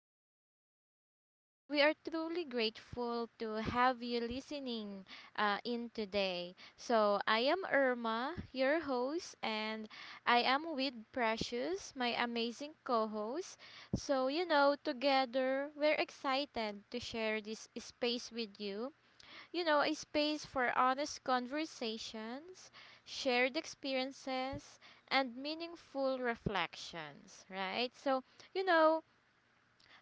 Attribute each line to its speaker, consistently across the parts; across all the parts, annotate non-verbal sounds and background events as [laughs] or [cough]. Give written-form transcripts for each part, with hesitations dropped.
Speaker 1: So, we are truly grateful to have you listening in today. So, I am Irma, your host, and I am with Precious, my amazing co host. So, together we're excited to share this space with you, a space for honest conversations, shared experiences, and meaningful reflections, right? So, you know,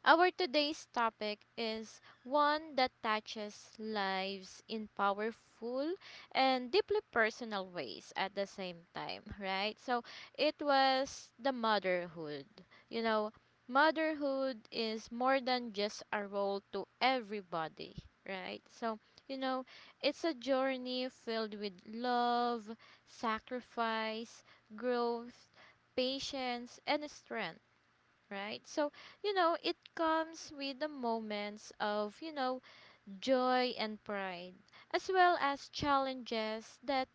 Speaker 1: our today's topic is one that touches lives in powerful and deeply personal ways at the same time, right? So it was the motherhood. You know, motherhood is more than just a role to everybody, right? So, you know, it's a journey filled with love, sacrifice, growth, patience, and strength right? So, it comes with the moments of, joy and pride, as well as challenges that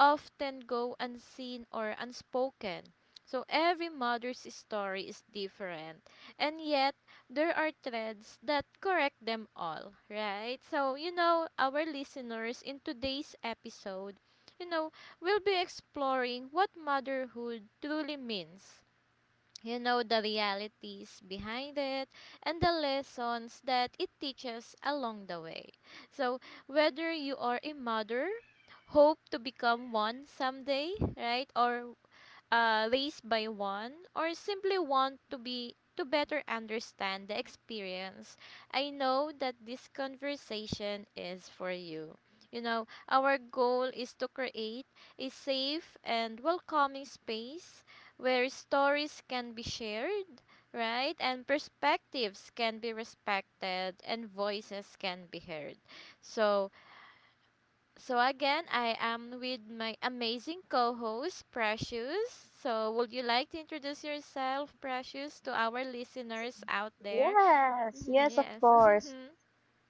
Speaker 1: often go unseen or unspoken. So, every mother's story is different, and yet there are threads that correct them all, right? So, our listeners in today's episode, you know, will be exploring what motherhood truly means, you know, the realities behind it and the lessons that it teaches along the way. So, whether you are a mother, hope to become one someday, right? Or race by one or simply want to be to better understand the experience, I know that this conversation is for you. You know, our goal is to create a safe and welcoming space where stories can be shared, right? And perspectives can be respected and voices can be heard. So, so again, I am with my amazing co-host Precious. So would you like to introduce yourself, Precious, to our listeners out there?
Speaker 2: Yes,
Speaker 1: Mhm,
Speaker 2: yes, of
Speaker 1: yes.
Speaker 2: course.
Speaker 1: [laughs]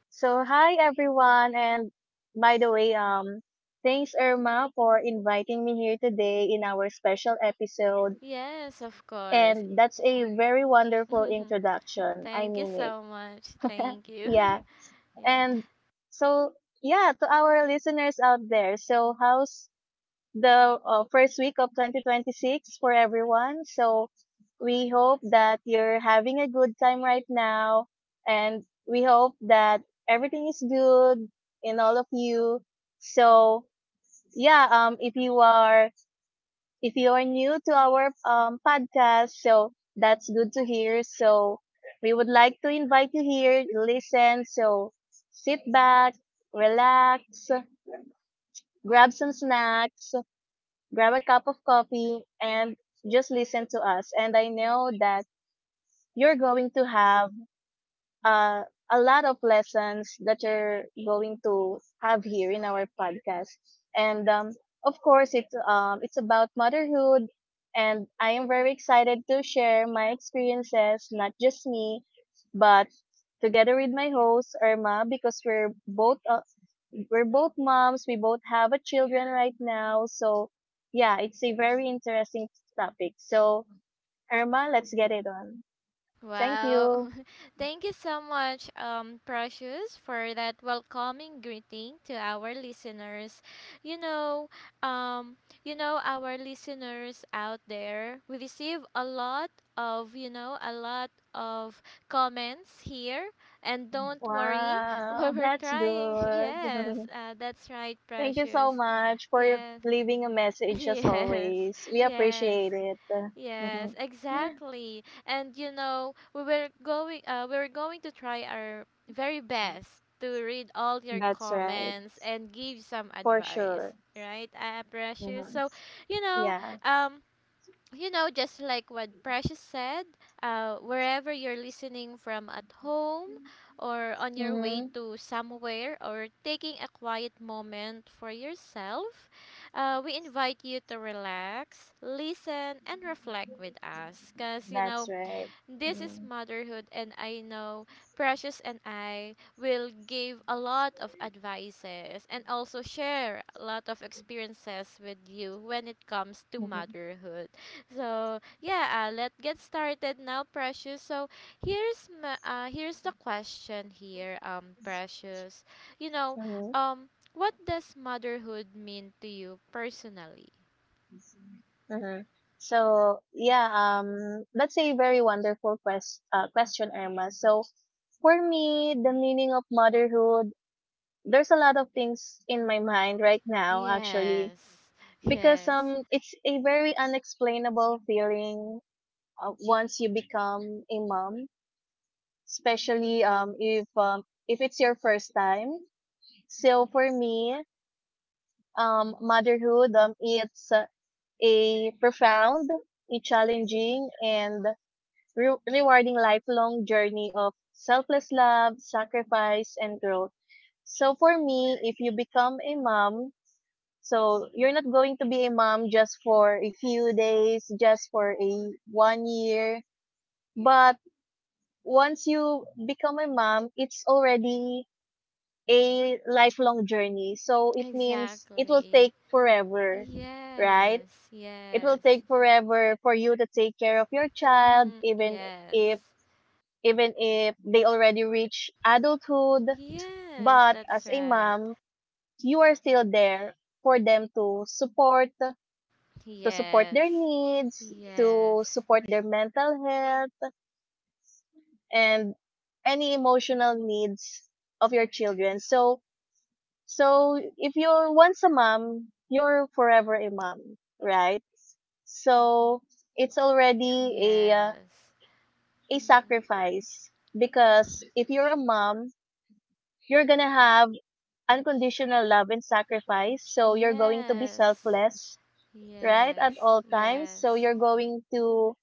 Speaker 2: So, hi everyone, and by the way, thanks Irma for inviting me here today in our special episode,
Speaker 1: Yes, of course.
Speaker 2: and that's a very wonderful
Speaker 1: [laughs]
Speaker 2: introduction. I
Speaker 1: Thank you
Speaker 2: mean
Speaker 1: so
Speaker 2: it.
Speaker 1: much.
Speaker 2: [laughs]
Speaker 1: Thank you.
Speaker 2: yeah,
Speaker 1: [laughs] Yes.
Speaker 2: and so yeah, to our listeners out there, so how's the first week of 2026 for everyone. So we hope that you're having a good time right now. And we hope that everything is good in all of you. So yeah, um, if you are, if you are new to our podcast, so that's good to hear. So we would like to invite you here, listen. So sit back, relax, grab some snacks, grab a cup of coffee, and just listen to us. And I know that you're going to have uh, a lot of lessons that you're going to have here in our podcast. And of course, it's about motherhood. And I am very excited to share my experiences, not just me, but together with my host Irma, because we're both moms. We both have a children right now. So yeah, it's a very interesting topic. So Irma, let's get it on. Thank
Speaker 1: Wow.
Speaker 2: you.
Speaker 1: [laughs] Thank you so much, Precious, for that welcoming greeting to our listeners. You know, um, our listeners out there, we receive a lot of a lot of comments here. And don't worry, [laughs] we
Speaker 2: Wow,
Speaker 1: were
Speaker 2: that's
Speaker 1: trying. [laughs]
Speaker 2: good.
Speaker 1: Yes,
Speaker 2: [laughs]
Speaker 1: that's right,
Speaker 2: Thank you so
Speaker 1: Precious.
Speaker 2: much for your-
Speaker 1: Yes,
Speaker 2: leaving a
Speaker 1: [laughs]
Speaker 2: message as
Speaker 1: yes,
Speaker 2: always. We
Speaker 1: yes.
Speaker 2: appreciate it.
Speaker 1: Yes,
Speaker 2: [laughs]
Speaker 1: exactly. And you know, we were going to try our very best to read all your
Speaker 2: That's right.
Speaker 1: comments and give some
Speaker 2: For
Speaker 1: advice,
Speaker 2: sure.
Speaker 1: right? Precious.
Speaker 2: Hmm.
Speaker 1: So, you know,
Speaker 2: Yeah.
Speaker 1: um you know, just like what Precious said, wherever you're listening from at home or on your way
Speaker 2: Hmm.
Speaker 1: to somewhere or taking a quiet moment for yourself, we invite you to relax, listen, and reflect with us. Because, you
Speaker 2: That's
Speaker 1: know,
Speaker 2: right.
Speaker 1: this is
Speaker 2: Mm.
Speaker 1: motherhood, and I know Precious and I will give a lot of advices and also share a lot of experiences with you when it comes to
Speaker 2: Mhm.
Speaker 1: motherhood. So yeah, let's get started now, Precious. So here's the question here, Precious. You know,
Speaker 2: Mhm.
Speaker 1: um, what does motherhood mean to you personally?
Speaker 2: Mhm. So yeah, that's a very wonderful question, Irma. So for me, the meaning of motherhood, there's a lot of things in my mind right now, actually,
Speaker 1: Yes,
Speaker 2: because
Speaker 1: yes,
Speaker 2: it's a very unexplainable feeling once you become a mom. Especially if it's your first time. So for me, motherhood, it's a profound, a challenging, and rewarding lifelong journey of selfless love, sacrifice, and growth. So for me, if you become a mom, so you're not going to be a mom just for a few days, just for a 1 year, but once you become a mom, it's already a lifelong journey. So it means it will
Speaker 1: exactly.
Speaker 2: take forever, right?
Speaker 1: Yes,
Speaker 2: It will
Speaker 1: yes.
Speaker 2: take forever for you to take care of your child,
Speaker 1: Mm, yes.
Speaker 2: if, even if they already reach adulthood.
Speaker 1: Yes,
Speaker 2: But
Speaker 1: that's
Speaker 2: as a
Speaker 1: right.
Speaker 2: mom, you are still there for them to support their
Speaker 1: Yes.
Speaker 2: needs, to
Speaker 1: Yes.
Speaker 2: support their mental health and any emotional needs of your children. So so if you're once a mom, you're forever a mom, right? So it's already a uh,
Speaker 1: Yes.
Speaker 2: a
Speaker 1: Mm,
Speaker 2: sacrifice because if you're a mom, you're gonna have unconditional love and sacrifice. So you're going to be
Speaker 1: yes.
Speaker 2: selfless, right, at
Speaker 1: Yes.
Speaker 2: all times. So
Speaker 1: Yes.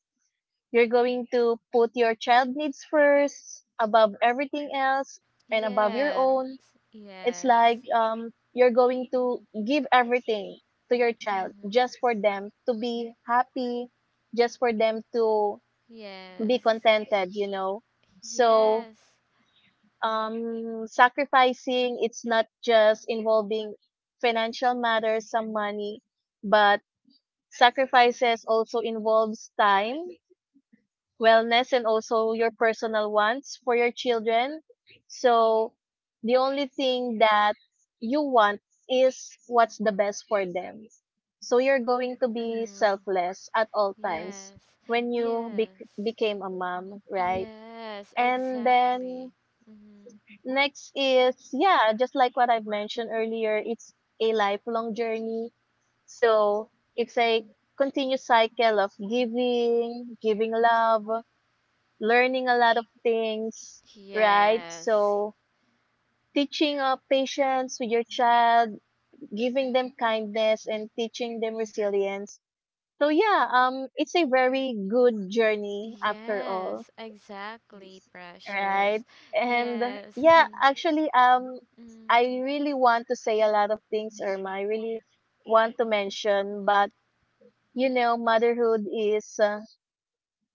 Speaker 2: you're going to put your child needs first above everything else and above your
Speaker 1: Yes.
Speaker 2: own. It's
Speaker 1: Yes.
Speaker 2: like um, you're going to give everything to your child
Speaker 1: Mm-hmm.
Speaker 2: just for them to be happy, just for them to be
Speaker 1: Yes.
Speaker 2: contented. So,
Speaker 1: Yes.
Speaker 2: sacrificing, it's not just involving financial matters, some money, but sacrifices also involves time wellness and also your personal wants for your children. So the only thing that you want is what's the best for them. So you're going to be
Speaker 1: Mm-hmm.
Speaker 2: selfless at all times
Speaker 1: Yes.
Speaker 2: when you
Speaker 1: Yes.
Speaker 2: became a mom, right?
Speaker 1: Yes,
Speaker 2: And then
Speaker 1: exactly. Mm-hmm.
Speaker 2: next is, yeah, just like what I've mentioned earlier, it's a lifelong journey. So it's a continuous cycle of giving, giving love, learning a lot of things, right?
Speaker 1: Yes,
Speaker 2: So teaching patience with your child, giving them kindness and teaching them resilience. So yeah, it's a very good journey after all,
Speaker 1: yes, exactly,
Speaker 2: right?
Speaker 1: precious.
Speaker 2: And
Speaker 1: Yes. [laughs]
Speaker 2: yeah, actually,
Speaker 1: Mm,
Speaker 2: I really want to say a lot of things, Irma. I really want to mention, but you know, motherhood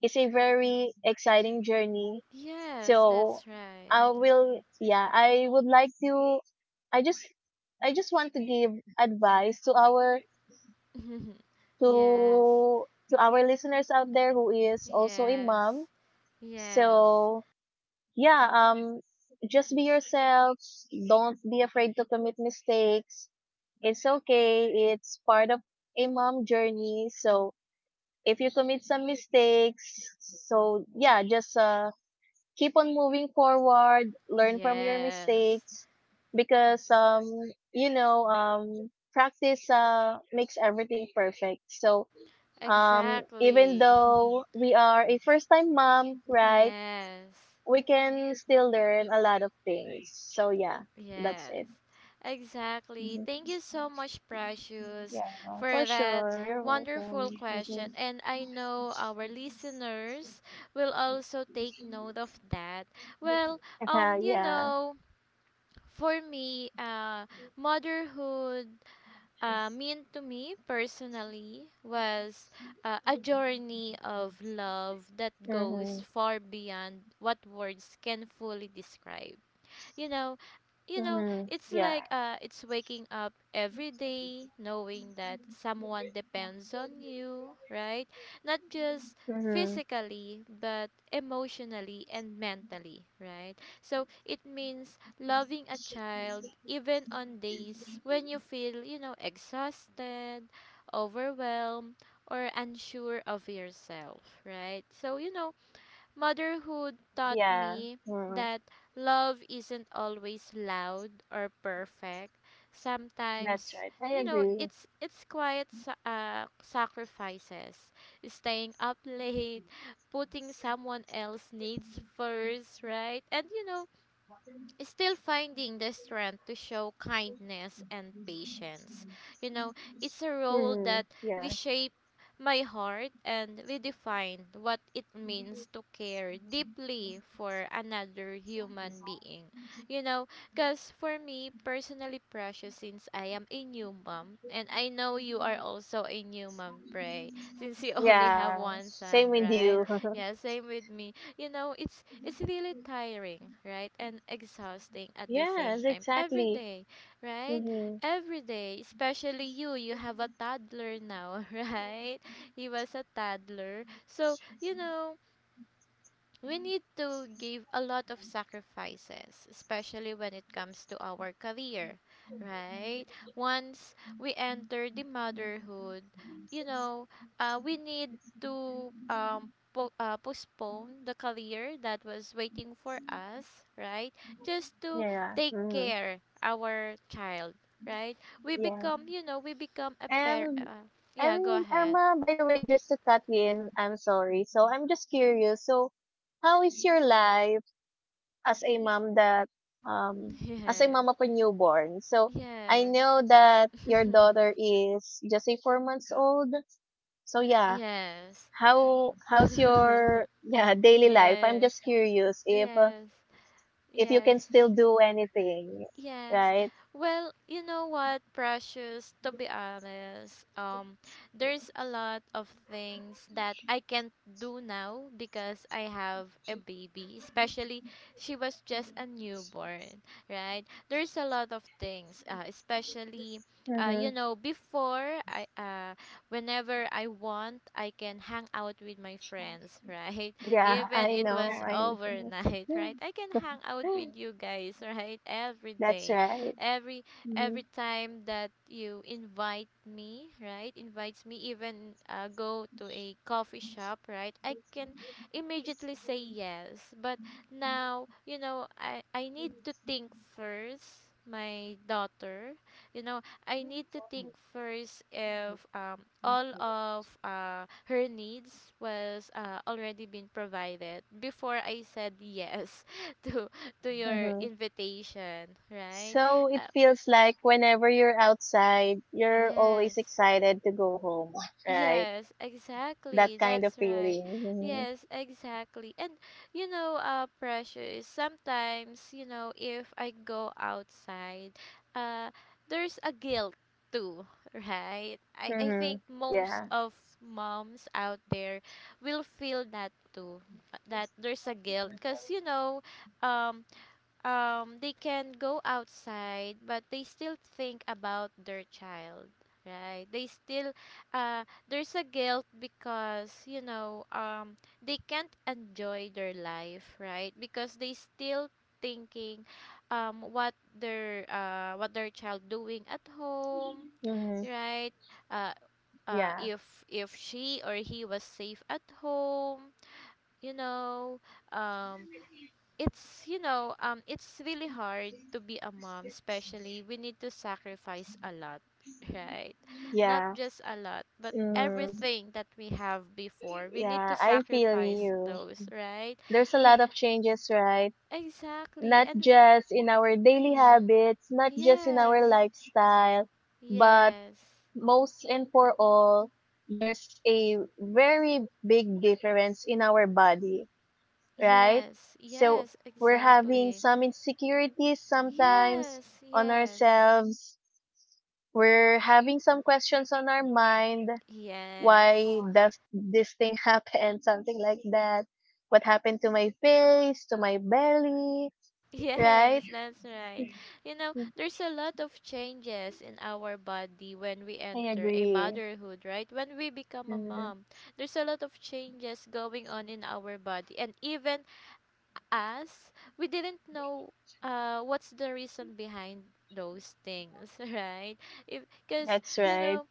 Speaker 2: is a very exciting journey.
Speaker 1: yes,
Speaker 2: So
Speaker 1: that's right.
Speaker 2: I will, yeah, I would like to, I just, I just want to give advice
Speaker 1: [laughs] Yes.
Speaker 2: to, to our listeners out there who is also a mom.
Speaker 1: Yes. Yes.
Speaker 2: So yeah, just be yourself. Don't be afraid to commit mistakes. It's okay. It's part of a mom journey. So if you commit some mistakes, so yeah, just, keep on moving forward, learn from your
Speaker 1: Yes.
Speaker 2: mistakes because you know practice makes everything perfect. So even
Speaker 1: Exactly.
Speaker 2: though we are a first time mom,
Speaker 1: [laughs]
Speaker 2: right?
Speaker 1: Yes.
Speaker 2: We can still learn a lot of things. So yeah, that's
Speaker 1: Yes,
Speaker 2: it.
Speaker 1: exactly.
Speaker 2: Mhm.
Speaker 1: Thank you so much, Precious,
Speaker 2: Yeah, for
Speaker 1: for that
Speaker 2: sure. You're welcome.
Speaker 1: wonderful
Speaker 2: Mm-hmm.
Speaker 1: question. And I know our listeners will also take note of that. Well, you
Speaker 2: Yeah.
Speaker 1: know, for me, motherhood mean to me personally was a journey of love that goes
Speaker 2: Mm-hmm.
Speaker 1: far beyond what words can fully describe, You know, you know
Speaker 2: Mm-hmm.
Speaker 1: it's
Speaker 2: Yeah.
Speaker 1: like uh it's waking up every day knowing that someone depends on you, right? Not just
Speaker 2: Mm-hmm.
Speaker 1: physically but emotionally and mentally, right? So it means loving a child even on days when you feel, you know, exhausted, overwhelmed or unsure of yourself, right? So you know motherhood taught
Speaker 2: Yeah.
Speaker 1: me
Speaker 2: Mm-hmm.
Speaker 1: that love isn't always loud or perfect.
Speaker 2: That's
Speaker 1: Sometimes,
Speaker 2: right. I
Speaker 1: you know,
Speaker 2: agree.
Speaker 1: it's quiet sacrifices, staying up [laughs] late, putting someone else needs first, right? And you know, still finding the strength to show kindness and patience. You know, it's a role
Speaker 2: Mhm.
Speaker 1: that
Speaker 2: Yeah.
Speaker 1: reshaped my heart and redefined what it means to care deeply for another human being. You know, because for me, personally precious since I am a new mom, and I know you are also a new mom, Pray, since you [laughs] only have
Speaker 2: Yeah.
Speaker 1: one
Speaker 2: Same
Speaker 1: son,
Speaker 2: with
Speaker 1: right?
Speaker 2: you.
Speaker 1: Yeah,
Speaker 2: [laughs]
Speaker 1: same with me. You know, it's really tiring right and exhausting at the same
Speaker 2: Yes,
Speaker 1: time every
Speaker 2: exactly.
Speaker 1: day, right?
Speaker 2: Mhm.
Speaker 1: Every day especially you have a toddler now, [laughs] right? He was a toddler, so you know we need to give a lot of sacrifices, especially when it comes to our career, right? Once we enter the motherhood, you know, we need to postpone the career that was waiting for us, right? Just to
Speaker 2: Yeah.
Speaker 1: take
Speaker 2: Mhm.
Speaker 1: care our child, right?
Speaker 2: Yeah.
Speaker 1: We become a parent.
Speaker 2: And
Speaker 1: Yeah, go ahead.
Speaker 2: Emma, by the way, just to cut you in, I'm sorry. So I'm just curious. So how is your life as a mom that um as a mom of
Speaker 1: [laughs]
Speaker 2: a newborn? So I
Speaker 1: Yes.
Speaker 2: know that your
Speaker 1: Yes.
Speaker 2: daughter is just a 4 months old. So
Speaker 1: [laughs]
Speaker 2: yeah,
Speaker 1: Yes.
Speaker 2: how's
Speaker 1: [laughs]
Speaker 2: your yeah daily life? I'm
Speaker 1: Yes,
Speaker 2: just curious
Speaker 1: yes,
Speaker 2: if you
Speaker 1: yes,
Speaker 2: can still do anything,
Speaker 1: yes.
Speaker 2: right?
Speaker 1: Well, you know what, Precious, to be honest, there's a lot of things that I can't do now because I have a baby, especially she was just a newborn, right? There's a lot of things, especially, you
Speaker 2: Mm-hmm.
Speaker 1: know, whenever I want, I can hang out with my friends, [laughs] right?
Speaker 2: Yeah,
Speaker 1: Even it was
Speaker 2: I know.
Speaker 1: overnight, [laughs] right? I can hang out with
Speaker 2: [gasps]
Speaker 1: you guys, [laughs] right? Every
Speaker 2: [laughs] That's
Speaker 1: day.
Speaker 2: right.
Speaker 1: Every
Speaker 2: Hmm.
Speaker 1: every time that you invite me, right? Invites me even go to a coffee shop, right? I can immediately say yes. But now, you know, I need to think first my daughter. You know, I need to think first if all of her needs was already been provided before I said yes [laughs] to to your
Speaker 2: Mm-hmm.
Speaker 1: invitation, right?
Speaker 2: So it
Speaker 1: Uh,
Speaker 2: feels like whenever you're outside, you're
Speaker 1: yes.
Speaker 2: always excited to go home, right?
Speaker 1: Yes,
Speaker 2: That
Speaker 1: exactly.
Speaker 2: kind of
Speaker 1: That's right.
Speaker 2: feeling. Hmm.
Speaker 1: Yes, exactly. And you know, pressure is sometimes, you know, if I go outside, uh, there's a guilt too, [laughs] right? I
Speaker 2: Mm-hmm.
Speaker 1: think most
Speaker 2: Yeah,
Speaker 1: of moms out there will feel that too, that there's a guilt because, you know, um, they can go outside but they still think about their child, right? They still, there's a guilt because you know, they can't enjoy their life, right? Because they still thinking, what their child doing at home,
Speaker 2: hmm,
Speaker 1: right? uh
Speaker 2: yeah,
Speaker 1: if she or he was safe at home, you know, um it's, you know, it's really hard to be a mom, especially we need to sacrifice a lot, [laughs] right? Not
Speaker 2: yeah,
Speaker 1: just a lot but
Speaker 2: hmm,
Speaker 1: everything that we have before we need
Speaker 2: yeah.
Speaker 1: to
Speaker 2: I feel
Speaker 1: sacrifice
Speaker 2: you.
Speaker 1: those, right?
Speaker 2: There's a
Speaker 1: We
Speaker 2: lot of changes, right?
Speaker 1: exactly
Speaker 2: Not
Speaker 1: and
Speaker 2: just in our daily
Speaker 1: mm,
Speaker 2: habits, not just in
Speaker 1: yes
Speaker 2: our lifestyle, but
Speaker 1: yes
Speaker 2: most and for all, there's a very big difference in our body, right?
Speaker 1: yes
Speaker 2: So
Speaker 1: yes
Speaker 2: we're having
Speaker 1: exactly
Speaker 2: some insecurities sometimes
Speaker 1: yes
Speaker 2: on
Speaker 1: yes
Speaker 2: ourselves. We're having some questions on our mind.
Speaker 1: yes
Speaker 2: Why does this thing [laughs] happen? Something like that, what happened to my face, to my belly,
Speaker 1: [laughs]
Speaker 2: right?
Speaker 1: yes, that's right. You know,
Speaker 2: Mm,
Speaker 1: there's a lot of changes in our body when we
Speaker 2: I
Speaker 1: enter a
Speaker 2: agree.
Speaker 1: motherhood, right? When we become a
Speaker 2: Hmm.
Speaker 1: mom, there's a lot of changes going on in our body. And even us, we didn't know what's the reason behind those things, [laughs] right? If Because,
Speaker 2: That's
Speaker 1: you
Speaker 2: right.
Speaker 1: know,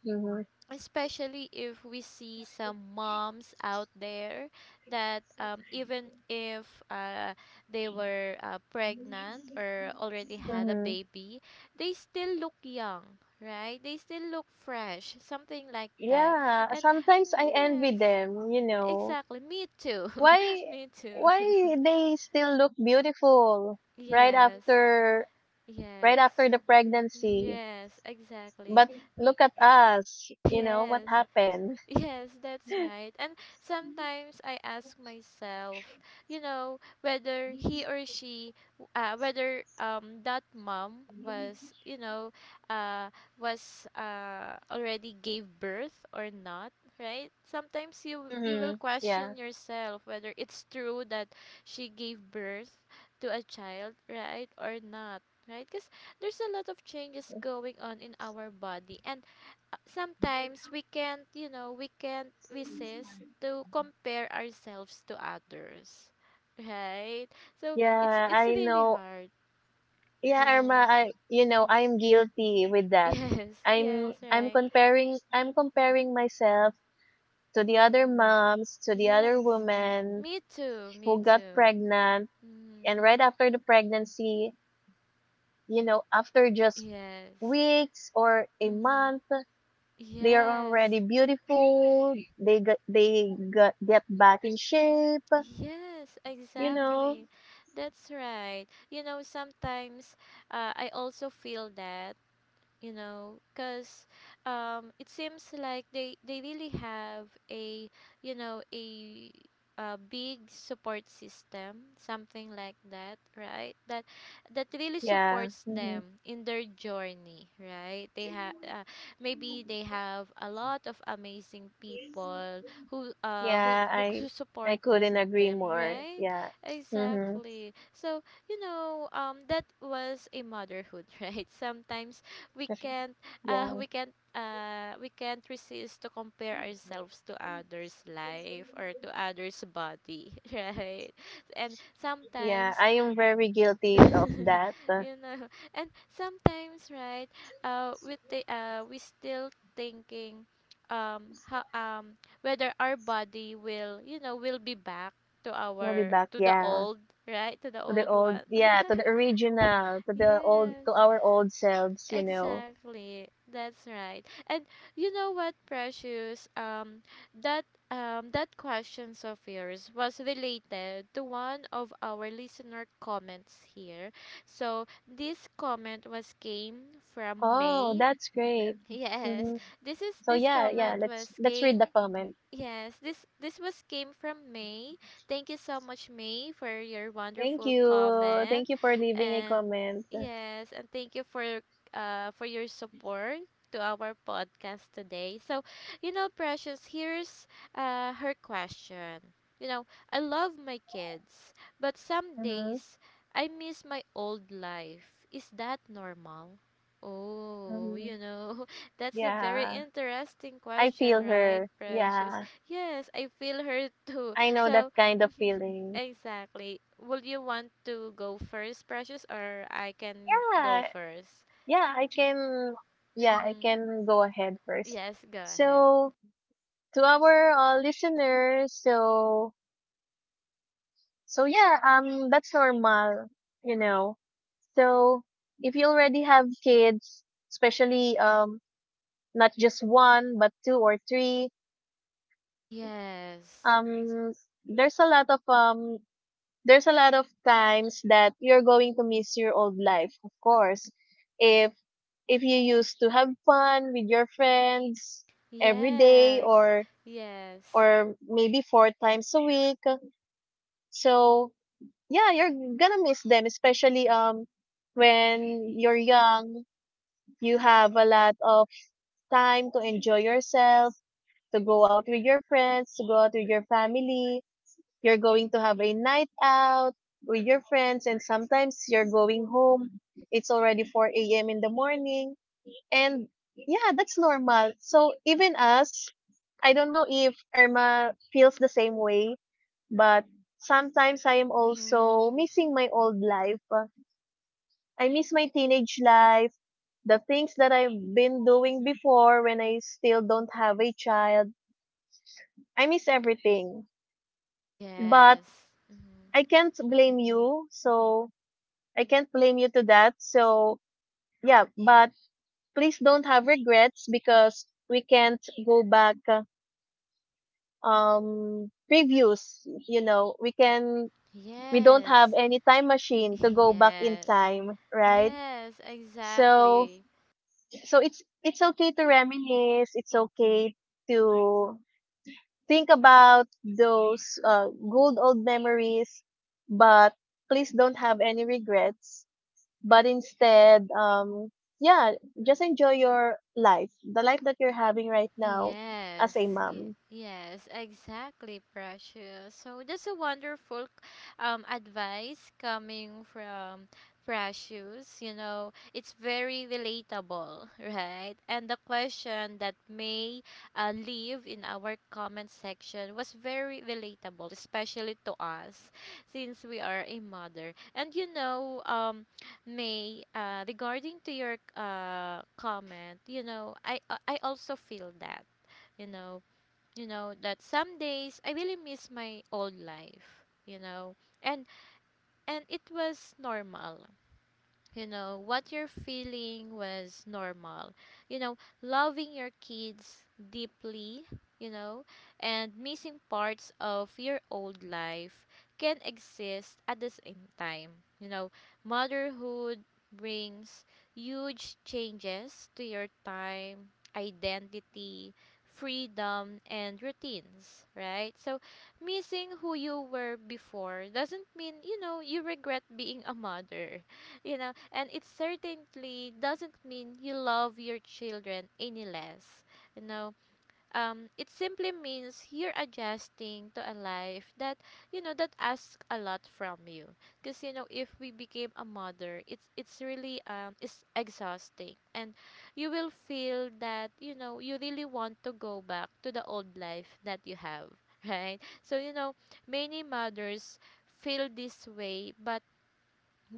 Speaker 1: especially if we see some moms out there that even if they were pregnant or already had a
Speaker 2: Hmm.
Speaker 1: baby, they still look young, right? They still look fresh, something like that.
Speaker 2: Yeah,
Speaker 1: And
Speaker 2: sometimes I envy
Speaker 1: yes,
Speaker 2: them, you know.
Speaker 1: exactly, me too. [laughs]
Speaker 2: Why
Speaker 1: Me too. [laughs]
Speaker 2: why they still look beautiful right
Speaker 1: Yes,
Speaker 2: after, right
Speaker 1: yes,
Speaker 2: after the pregnancy?
Speaker 1: yes, exactly.
Speaker 2: But look at us,
Speaker 1: [laughs]
Speaker 2: you know, what
Speaker 1: Yes.
Speaker 2: happened?
Speaker 1: Yes, that's right. And sometimes I ask myself, you know, whether he or she, whether that mom was, you know, uh was already gave birth or not, right? Sometimes you you will
Speaker 2: Hmm.
Speaker 1: question
Speaker 2: Yeah.
Speaker 1: yourself whether it's true that she gave birth to a child, right, or not, right? Because there's a lot of changes
Speaker 2: [laughs]
Speaker 1: going on in our body, and sometimes we can't, you know, we can't resist to compare ourselves to others, [laughs] right? So it's
Speaker 2: Yeah,
Speaker 1: it's
Speaker 2: I
Speaker 1: really
Speaker 2: know.
Speaker 1: hard, you
Speaker 2: Yeah, Irma,
Speaker 1: know.
Speaker 2: I you know,
Speaker 1: [laughs]
Speaker 2: I'm guilty with that.
Speaker 1: Yes, yes, right.
Speaker 2: I'm comparing myself to the other moms, to the other
Speaker 1: Yes.
Speaker 2: women
Speaker 1: Me too, me
Speaker 2: who got
Speaker 1: too.
Speaker 2: pregnant.
Speaker 1: Mm-hmm.
Speaker 2: And right after the pregnancy, you know, after just
Speaker 1: Yes.
Speaker 2: weeks or a
Speaker 1: Mm-hmm.
Speaker 2: month, they are
Speaker 1: Yes.
Speaker 2: already beautiful. Get back in shape,
Speaker 1: Yes,
Speaker 2: you know?
Speaker 1: exactly. That's right. You know, sometimes I also feel that you know because it seems like they really have a you know a big support system, something like that, right? That that really
Speaker 2: Yeah.
Speaker 1: supports
Speaker 2: Hmm.
Speaker 1: them in their journey, right? They have, maybe they have a lot of amazing people
Speaker 2: Yeah.
Speaker 1: who
Speaker 2: I
Speaker 1: supported
Speaker 2: couldn't agree
Speaker 1: them,
Speaker 2: more.
Speaker 1: right?
Speaker 2: Yeah. Mm-hmm.
Speaker 1: Exactly. So you know that was a motherhood, [laughs] right? Sometimes we can't
Speaker 2: Yeah.
Speaker 1: we can't resist to compare ourselves to others' life or to others' body, [laughs] right? And
Speaker 2: Yeah.
Speaker 1: sometimes
Speaker 2: I am very guilty of
Speaker 1: [laughs]
Speaker 2: that.
Speaker 1: you know, and sometimes right, we still thinking how whether our body will, you know, will be back to
Speaker 2: We'll be
Speaker 1: our
Speaker 2: back.
Speaker 1: to the
Speaker 2: Yeah.
Speaker 1: old, right? To the
Speaker 2: To the
Speaker 1: old
Speaker 2: old,
Speaker 1: one. [laughs]
Speaker 2: yeah, to the
Speaker 1: Right?
Speaker 2: original, to the old,
Speaker 1: Yes.
Speaker 2: to our old selves, you know.
Speaker 1: Exactly. That's right. And you know what, Precious? That that questions of yours was related to one of our listener comments here. So this comment was came from
Speaker 2: Oh,
Speaker 1: May.
Speaker 2: that's great.
Speaker 1: [laughs] Yes.
Speaker 2: Hmm. So
Speaker 1: This
Speaker 2: yeah, yeah,
Speaker 1: comment was
Speaker 2: let's read the
Speaker 1: came.
Speaker 2: comment.
Speaker 1: Yes, this was came from May. Thank you so much, May, for your
Speaker 2: Thank
Speaker 1: wonderful
Speaker 2: you, thank
Speaker 1: comment,
Speaker 2: you for leaving a
Speaker 1: and
Speaker 2: comment.
Speaker 1: yes, and thank you for your support to our podcast today. So, you know, Precious, here's her question. You know, I love my kids, but some
Speaker 2: Mm-hmm.
Speaker 1: days I miss my old life. Is that normal? Oh,
Speaker 2: Mm-hmm.
Speaker 1: you know, [laughs] that's a very
Speaker 2: Yeah,
Speaker 1: interesting
Speaker 2: I
Speaker 1: question,
Speaker 2: feel
Speaker 1: right,
Speaker 2: her,
Speaker 1: Precious?
Speaker 2: yeah.
Speaker 1: Yes, I feel her too.
Speaker 2: I know that
Speaker 1: So,
Speaker 2: kind
Speaker 1: [laughs]
Speaker 2: of feeling.
Speaker 1: exactly. Would you want to go first, Precious, or I can go
Speaker 2: Yeah,
Speaker 1: first?
Speaker 2: yeah, I can, yeah, I
Speaker 1: Mm-hmm.
Speaker 2: can go ahead first.
Speaker 1: Yes, go ahead.
Speaker 2: So to our listeners, so so yeah, that's normal, you know. So if you already have kids, especially not just one but two or three,
Speaker 1: Yes.
Speaker 2: um, there's a lot of um, there's a lot of times that you're going to miss your old life, of course. If if you used to have fun with your friends every day
Speaker 1: Yes. Yes.
Speaker 2: or maybe four times a week, so yeah, you're gonna miss them, especially when you're young, you have a lot of time to enjoy yourself, to go out with your friends, to go out with your family. You're going to have a night out with your friends, and sometimes you're going home. It's already 4 a.m. in the morning, and yeah, that's normal. So even us, I don't know if Irma feels the same way, but sometimes I am also
Speaker 1: Mm-hmm.
Speaker 2: missing my old life. I miss my teenage life, the things that I've been doing before when I still don't have a child. I miss everything. But
Speaker 1: Yes. Mm-hmm.
Speaker 2: I can't blame you. So I can't blame you to that. So yeah, but please don't have regrets because we can't go back previous, we don't have
Speaker 1: Yes. [laughs]
Speaker 2: any time machine to go back in
Speaker 1: Yes.
Speaker 2: time, right?
Speaker 1: Yes,
Speaker 2: So
Speaker 1: exactly.
Speaker 2: so it's okay to reminisce. It's okay to think about those good old memories, but please don't have any regrets. But instead, yeah, just enjoy your life, the life that you're having right now
Speaker 1: Yes,
Speaker 2: as a
Speaker 1: ye-
Speaker 2: mom.
Speaker 1: yes, exactly, Precious. So that's a wonderful advice coming from Precious. You know, it's very relatable, [laughs] right? And the question that may leave in our comment section was very relatable, especially to us, since we are a mother. And you know, May, regarding to your comment, you know, I also feel that, you know, you know that some days I really miss my old life, you know, and and it was normal. You know what you're feeling was normal. You know, loving your kids deeply, you know, and missing parts of your old life can exist at the same time. You know, motherhood brings huge changes to your time, identity, freedom and routines, right? So missing who you were before doesn't mean, you know, you regret being a mother, you know, and it certainly doesn't mean you love your children any less. You know, it simply means you're adjusting to a life that, you know, that asks a lot from you. Because, you know, if we became a mother, it's really it's exhausting, and you will feel that, you know, you really want to go back to the old life that you have, [laughs] right? So, you know, many mothers feel this way but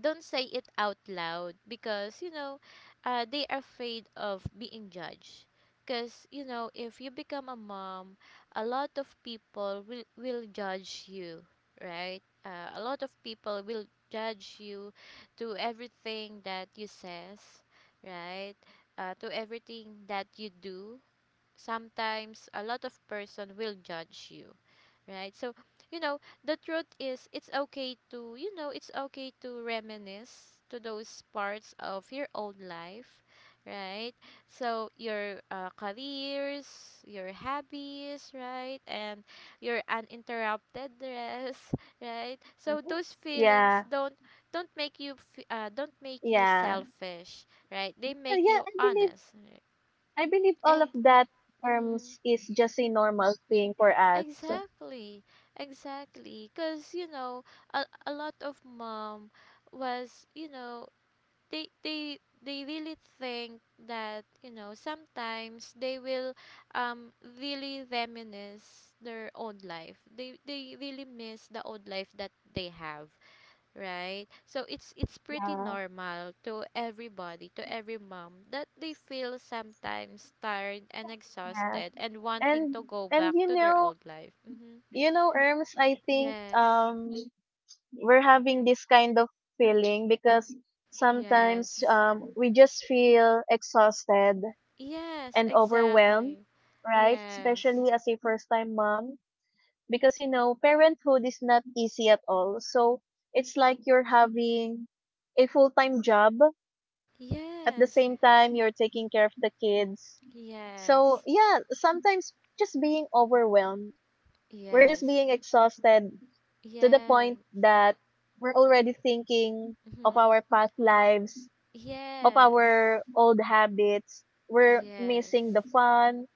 Speaker 1: don't say it out loud because, you know, they are afraid of being judged. Because, you know, if you become a mom, a lot of people will judge you, right? A lot of people will judge you to everything that you says, right? To everything that you do, sometimes a lot of person will judge you, right? So, you know, the truth is it's okay to, you know, it's okay to reminisce to those parts of your old life, right? So, your careers, your hobbies, right? And your uninterrupted rest, [laughs] right? So, those feelings
Speaker 2: Yeah,
Speaker 1: don't don't make you
Speaker 2: yeah.
Speaker 1: selfish, right?
Speaker 2: And
Speaker 1: They make
Speaker 2: yeah,
Speaker 1: you honest, right?
Speaker 2: I believe all of
Speaker 1: And
Speaker 2: that
Speaker 1: mm,
Speaker 2: terms is just a normal thing for us.
Speaker 1: exactly, exactly. Because, you know, a lot of mom was, you know, they really think that, you know, sometimes they will um, really reminisce their old life. They really miss the old life that they have, right? So it's pretty
Speaker 2: Yeah,
Speaker 1: normal to everybody, to every mom, that they feel sometimes tired and
Speaker 2: yeah.
Speaker 1: exhausted and wanting
Speaker 2: And
Speaker 1: to go back
Speaker 2: you
Speaker 1: to their
Speaker 2: know,
Speaker 1: old life. Mm-hmm.
Speaker 2: You know, Erms, I think
Speaker 1: Yes.
Speaker 2: we're having this kind of feeling because sometimes
Speaker 1: Yes.
Speaker 2: we just feel exhausted
Speaker 1: Yes,
Speaker 2: and overwhelmed,
Speaker 1: exactly.
Speaker 2: right?
Speaker 1: Yes.
Speaker 2: Especially as a first time mom because you know, parenthood is not easy at all. So it's like you're having a full-time job at the
Speaker 1: Yes.
Speaker 2: same time you're taking care of the kids. So,
Speaker 1: Yes.
Speaker 2: yeah, sometimes just being overwhelmed, we're just
Speaker 1: Yes.
Speaker 2: being exhausted to the
Speaker 1: Yes.
Speaker 2: point that we're already thinking of
Speaker 1: Mm-hmm.
Speaker 2: our past lives, of
Speaker 1: Yes.
Speaker 2: our old habits. We're missing the
Speaker 1: Yes.
Speaker 2: fun.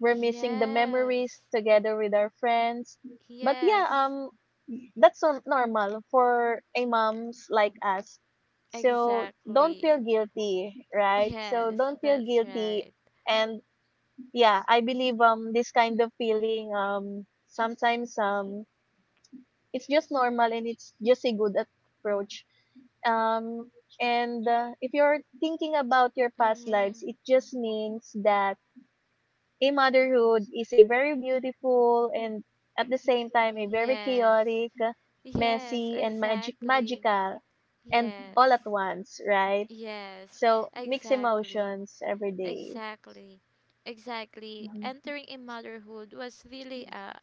Speaker 2: We're missing the memories
Speaker 1: Yes.
Speaker 2: together with our friends. But yeah,
Speaker 1: Yes.
Speaker 2: that's so normal for a moms like us. So don't feel
Speaker 1: Exactly.
Speaker 2: guilty, right? So
Speaker 1: Yes,
Speaker 2: don't feel
Speaker 1: that's
Speaker 2: guilty.
Speaker 1: right.
Speaker 2: And yeah, I believe this kind of feeling sometimes it's just normal and it's just a good approach um and if you're thinking about your past lives
Speaker 1: Mm-hmm.
Speaker 2: it just means that a motherhood is a very beautiful and at the same time a very
Speaker 1: Yes.
Speaker 2: chaotic
Speaker 1: Yes,
Speaker 2: messy and
Speaker 1: exactly.
Speaker 2: magical and
Speaker 1: Yes.
Speaker 2: all at once, right?
Speaker 1: Yes,
Speaker 2: So mix
Speaker 1: exactly.
Speaker 2: emotions every day.
Speaker 1: Exactly. Exactly.
Speaker 2: Mhm,
Speaker 1: Entering in motherhood was really uh,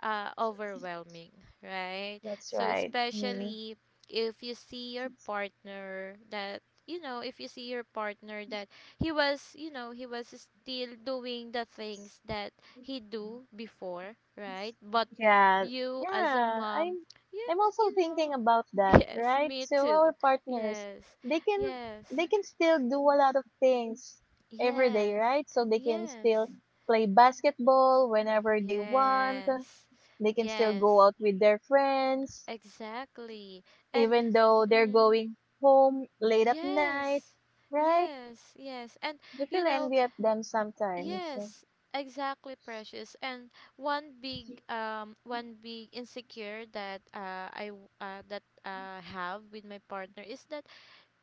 Speaker 1: uh, overwhelming, right?
Speaker 2: that's
Speaker 1: So
Speaker 2: right. Mm-hmm.
Speaker 1: especially if you see your partner that, you know, if you see your partner that he was, you know, he was still doing the things that he do before, right? But
Speaker 2: Yeah,
Speaker 1: you as a
Speaker 2: yeah.
Speaker 1: mom,
Speaker 2: I'm
Speaker 1: yeah,
Speaker 2: also
Speaker 1: you know,
Speaker 2: thinking about
Speaker 1: [laughs]
Speaker 2: that,
Speaker 1: yes,
Speaker 2: right?
Speaker 1: me
Speaker 2: So our
Speaker 1: too.
Speaker 2: partners,
Speaker 1: Yes.
Speaker 2: they can they
Speaker 1: Yes.
Speaker 2: can still do a lot of things every day,
Speaker 1: Yes.
Speaker 2: right? So they can
Speaker 1: Yes.
Speaker 2: still play basketball whenever they want.
Speaker 1: Yes.
Speaker 2: They can still go
Speaker 1: Yes.
Speaker 2: out with their friends,
Speaker 1: Exactly. And
Speaker 2: even though they're
Speaker 1: mm,
Speaker 2: going home late at night,
Speaker 1: yes.
Speaker 2: right?
Speaker 1: Yes. Yes. And
Speaker 2: You
Speaker 1: you
Speaker 2: feel
Speaker 1: know,
Speaker 2: envy at them sometimes.
Speaker 1: yes, exactly, Precious. And one big insecure that that have with my partner is that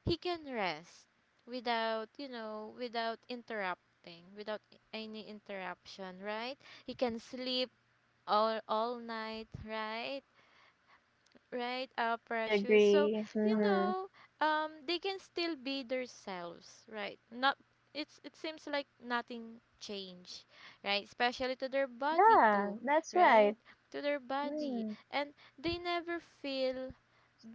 Speaker 1: he can rest without, you know, without interrupting, without any interruption, right? He can sleep all night, right? Right,
Speaker 2: I
Speaker 1: Precious? So,
Speaker 2: agree.
Speaker 1: you
Speaker 2: Hmm.
Speaker 1: know, they can still be themselves, right? Not, it's it seems like nothing changed, right? Especially to their body
Speaker 2: Yeah,
Speaker 1: too,
Speaker 2: that's right.
Speaker 1: right? To their body.
Speaker 2: Mm.
Speaker 1: And they never feel,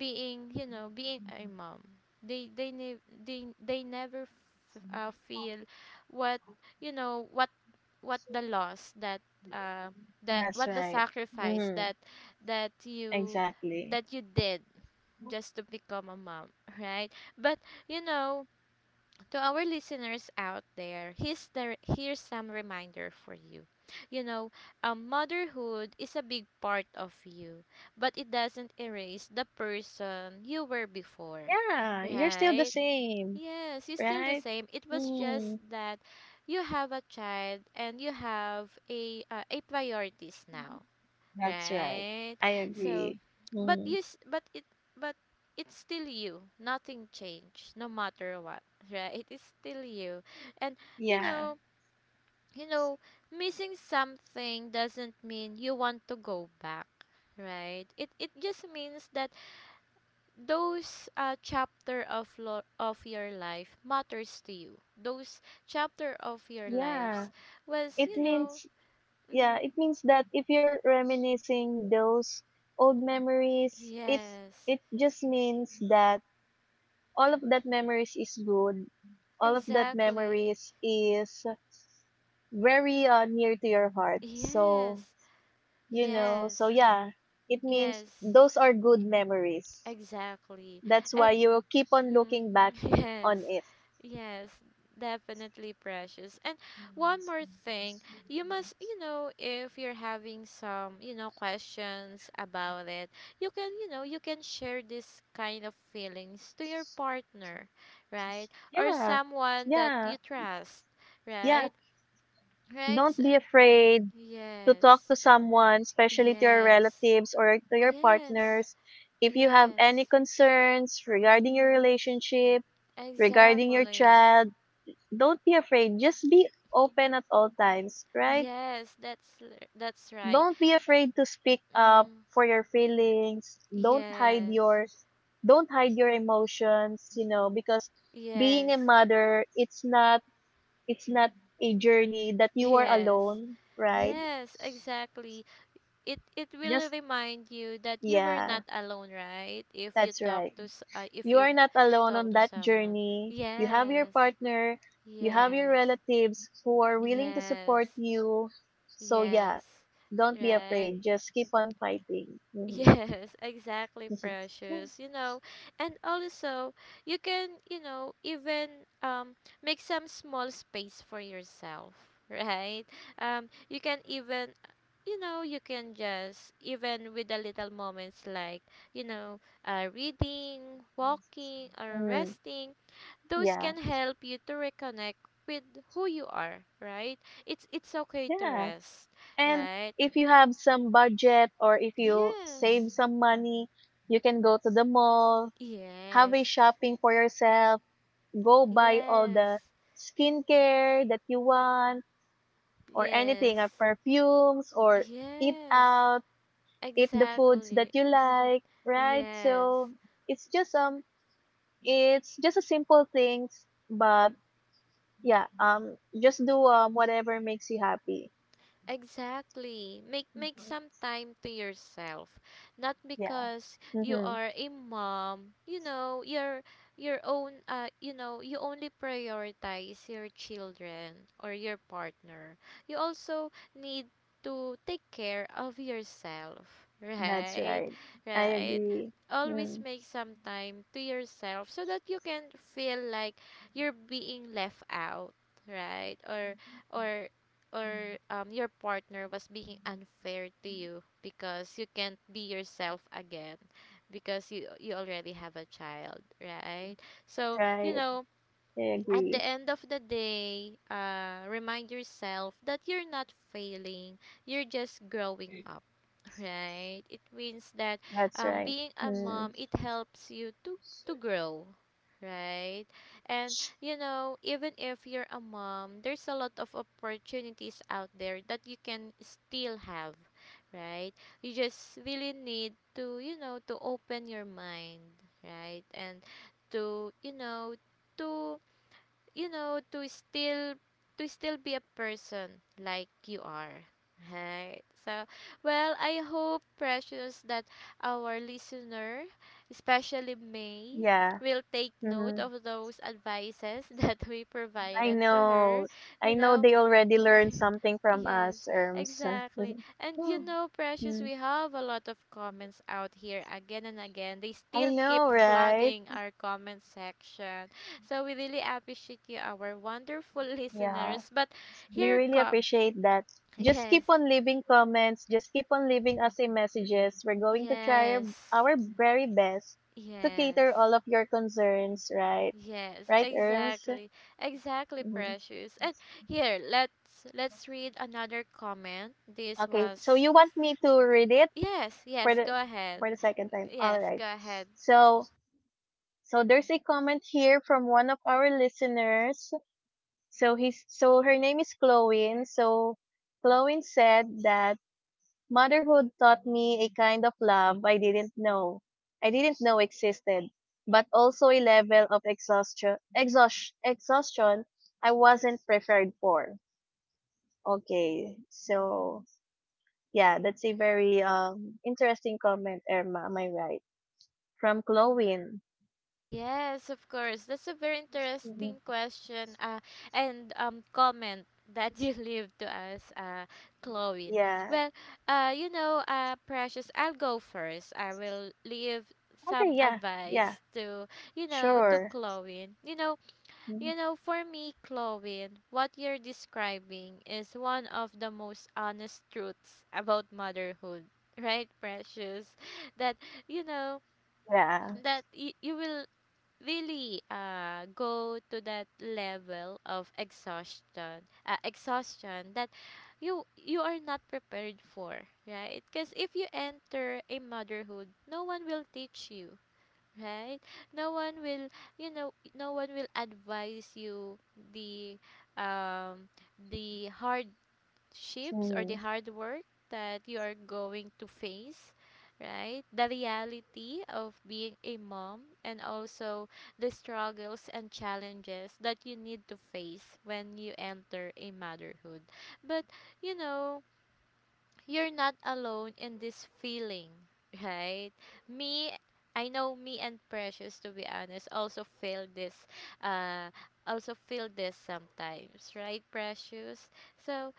Speaker 1: being, you know, being a mom, they never feel what, you know, what the loss that uh that
Speaker 2: That's
Speaker 1: what the
Speaker 2: right.
Speaker 1: sacrifice
Speaker 2: Mm-hmm.
Speaker 1: that that you,
Speaker 2: Exactly.
Speaker 1: that you did, just to become a mom, [laughs] right? But, you know, to our listeners out there, here's some reminder for you. You know, motherhood is a big part of you, but it doesn't erase the person you were before,
Speaker 2: Yeah, you're still the
Speaker 1: right?
Speaker 2: same,
Speaker 1: Yes, you're still the
Speaker 2: right?
Speaker 1: same. It was just
Speaker 2: Mm-hmm.
Speaker 1: that you have a child and you have a priorities now,
Speaker 2: That's right.
Speaker 1: right?
Speaker 2: I
Speaker 1: So,
Speaker 2: agree.
Speaker 1: but
Speaker 2: Mm-hmm.
Speaker 1: you, s- but it, but it's still you. Nothing changed, no matter what, [laughs] right? It is still you, and you
Speaker 2: Yeah.
Speaker 1: know, you know, missing something doesn't mean you want to go back, right? It just means that those of your life matters to you. Those chapter of your lives
Speaker 2: Yeah.
Speaker 1: was,
Speaker 2: It
Speaker 1: you know,
Speaker 2: means, yeah,
Speaker 1: mm,
Speaker 2: it means that if you're reminiscing those old memories, it
Speaker 1: yes,
Speaker 2: it just means that all of that memories is good. All of that
Speaker 1: exactly.
Speaker 2: memories is very near to your heart.
Speaker 1: Yes,
Speaker 2: So you know, so
Speaker 1: yes,
Speaker 2: yeah, it means
Speaker 1: yes,
Speaker 2: those are good memories
Speaker 1: exactly.
Speaker 2: that's why
Speaker 1: And
Speaker 2: you keep on
Speaker 1: mm,
Speaker 2: looking back
Speaker 1: [laughs] yes,
Speaker 2: on it.
Speaker 1: yes, definitely Precious. And one more thing, you must, you know, if you're having some, you know, questions about it, you can, you know, you can share this kind of feelings to your partner, right? Or
Speaker 2: Yeah,
Speaker 1: someone that
Speaker 2: yeah,
Speaker 1: you trust,
Speaker 2: yeah.
Speaker 1: right? Right?
Speaker 2: Don't
Speaker 1: So,
Speaker 2: be afraid to talk
Speaker 1: yes,
Speaker 2: to someone, especially to your
Speaker 1: yes,
Speaker 2: relatives or to your
Speaker 1: yes.
Speaker 2: partners, if you have any
Speaker 1: Yes.
Speaker 2: concerns regarding your
Speaker 1: Mm,
Speaker 2: relationship, regarding your
Speaker 1: exactly.
Speaker 2: child. Don't be afraid, just be open at all times, right?
Speaker 1: Yes, that's right.
Speaker 2: Don't be afraid to speak up
Speaker 1: Mm,
Speaker 2: for your feelings, don't hide
Speaker 1: yes.
Speaker 2: yours. Don't hide your emotions, you know, because being a
Speaker 1: Yes. [laughs]
Speaker 2: mother, it's not a journey that you are
Speaker 1: Yes.
Speaker 2: alone, right?
Speaker 1: Yes, exactly. It will
Speaker 2: Just
Speaker 1: remind you that you were
Speaker 2: yeah,
Speaker 1: not alone, right? If you
Speaker 2: that's
Speaker 1: talk
Speaker 2: right.
Speaker 1: to if
Speaker 2: You
Speaker 1: you
Speaker 2: are not alone
Speaker 1: talk
Speaker 2: on
Speaker 1: to
Speaker 2: that
Speaker 1: someone.
Speaker 2: journey, you have your
Speaker 1: Yes.
Speaker 2: partner, you have your
Speaker 1: Yes.
Speaker 2: relatives who are willing to support
Speaker 1: Yes.
Speaker 2: you, so yeah,
Speaker 1: Yes.
Speaker 2: don't be
Speaker 1: Right.
Speaker 2: afraid, just keep on fighting.
Speaker 1: Yes,
Speaker 2: Mhm.
Speaker 1: [laughs] exactly,
Speaker 2: Mhm.
Speaker 1: Precious. You know, and also you can, you know, even um make some small space for yourself, [laughs] right? You can even, you know, you can just even with the little moments like, you know, reading, walking or
Speaker 2: [laughs]
Speaker 1: resting, those
Speaker 2: Yeah,
Speaker 1: can help you to reconnect with who you are, right? It's okay to
Speaker 2: yeah.
Speaker 1: rest,
Speaker 2: And
Speaker 1: right?
Speaker 2: if you have some budget or if you save
Speaker 1: Yes.
Speaker 2: some money, you can go to the mall, have
Speaker 1: Yes.
Speaker 2: a shopping for yourself, go buy all the
Speaker 1: Yes,
Speaker 2: skincare that you want, or
Speaker 1: yes,
Speaker 2: anything, or perfumes, or eat
Speaker 1: yes,
Speaker 2: out, eat the foods that
Speaker 1: exactly.
Speaker 2: you like,
Speaker 1: [laughs]
Speaker 2: right?
Speaker 1: Yes,
Speaker 2: So it's just um it's just a simple things, but yeah, just do whatever makes you happy.
Speaker 1: exactly. Make make some time to yourself. Not
Speaker 2: Yeah.
Speaker 1: because you
Speaker 2: Mhm.
Speaker 1: are a mom, you know, your own you know, you only prioritize your children or your partner. You also need to take care of yourself, [laughs]
Speaker 2: That's
Speaker 1: right?
Speaker 2: right. I
Speaker 1: Right?
Speaker 2: agree.
Speaker 1: Always
Speaker 2: Mm,
Speaker 1: make some time to yourself so that you can feel like you're being left out, right? Or or your partner was being unfair to you because you can't be yourself again, because you already have a child, right? So, you
Speaker 2: right.
Speaker 1: know,
Speaker 2: I
Speaker 1: at the
Speaker 2: agree.
Speaker 1: end of the day, remind yourself that you're not failing, you're just growing up, right? It means that
Speaker 2: That's right.
Speaker 1: being a
Speaker 2: Mm,
Speaker 1: mom it helps you to grow, right? And you know, even if you're a mom, there's a lot of opportunities out there that you can still have, right? You just really need to, you know, to open your mind, right? And to, you know, to, you know, to still be a person like you are. Right. So, well, I hope Precious that our listener, especially May,
Speaker 2: yeah.
Speaker 1: will take
Speaker 2: Hmm.
Speaker 1: note of those advices [laughs] that we
Speaker 2: I
Speaker 1: provided to her.
Speaker 2: know. I
Speaker 1: You
Speaker 2: know
Speaker 1: know,
Speaker 2: they already
Speaker 1: [laughs]
Speaker 2: learned something from
Speaker 1: yes,
Speaker 2: us, Erms.
Speaker 1: exactly.
Speaker 2: [laughs]
Speaker 1: And you
Speaker 2: Mm,
Speaker 1: know, Precious,
Speaker 2: mm.
Speaker 1: we have a lot of comments out here again and again. They
Speaker 2: I
Speaker 1: still
Speaker 2: know,
Speaker 1: keep
Speaker 2: right?
Speaker 1: flooding our comment section. So we really appreciate you, our wonderful [laughs]
Speaker 2: Yeah.
Speaker 1: listeners. But
Speaker 2: We
Speaker 1: here
Speaker 2: really
Speaker 1: come
Speaker 2: appreciate that. Just
Speaker 1: yes,
Speaker 2: keep on leaving comments. Just keep on leaving us a messages. We're going to try
Speaker 1: yes,
Speaker 2: our very best to
Speaker 1: yes,
Speaker 2: cater all of your concerns, right?
Speaker 1: yes,
Speaker 2: Right, Erms?
Speaker 1: exactly, exactly,
Speaker 2: Mhm.
Speaker 1: Precious. And here let's read another comment. This
Speaker 2: Okay, so
Speaker 1: was
Speaker 2: you want me to read it
Speaker 1: yes,
Speaker 2: for
Speaker 1: yes.
Speaker 2: the
Speaker 1: Go ahead.
Speaker 2: for the second time. All
Speaker 1: Yes,
Speaker 2: right.
Speaker 1: go ahead.
Speaker 2: So so there's a comment here from one of our listeners. So he's so her name is Chloe. So Chloe said that motherhood taught me a kind of love I didn't know. I didn't know existed, but also a level of exhaustion I wasn't prepared for. Okay. So yeah, that's a very interesting comment, Irma. Am I right? From Glowin.
Speaker 1: Yes, of course. That's a very interesting
Speaker 2: Mhm.
Speaker 1: question and comment that you [laughs] leave to us, Chloe.
Speaker 2: Yeah.
Speaker 1: Well, you know, Precious, I'll go first. I will leave
Speaker 2: Okay.
Speaker 1: some
Speaker 2: Yeah. Yeah.
Speaker 1: advice to, you know, to
Speaker 2: Sure.
Speaker 1: Chloe.
Speaker 2: Mhm.
Speaker 1: You know, for me, Chloe, what you're describing is one of the most honest truths about motherhood, right, Precious? That, you know,
Speaker 2: Yeah.
Speaker 1: that you will really go to that level of exhaustion that you are not prepared for, right? Because if you enter a motherhood, no one will teach you, right? No one will, you know, no one will advise you the um the hardships or
Speaker 2: Mm-hmm.
Speaker 1: the hard work that you are going to face, right? The reality of being a mom and also the struggles and challenges that you need to face when you enter a motherhood. But, you know, you're not alone in this feeling, [laughs] right? Me, I know me and Precious, to be honest, uh, also feel this sometimes, right, Precious? So,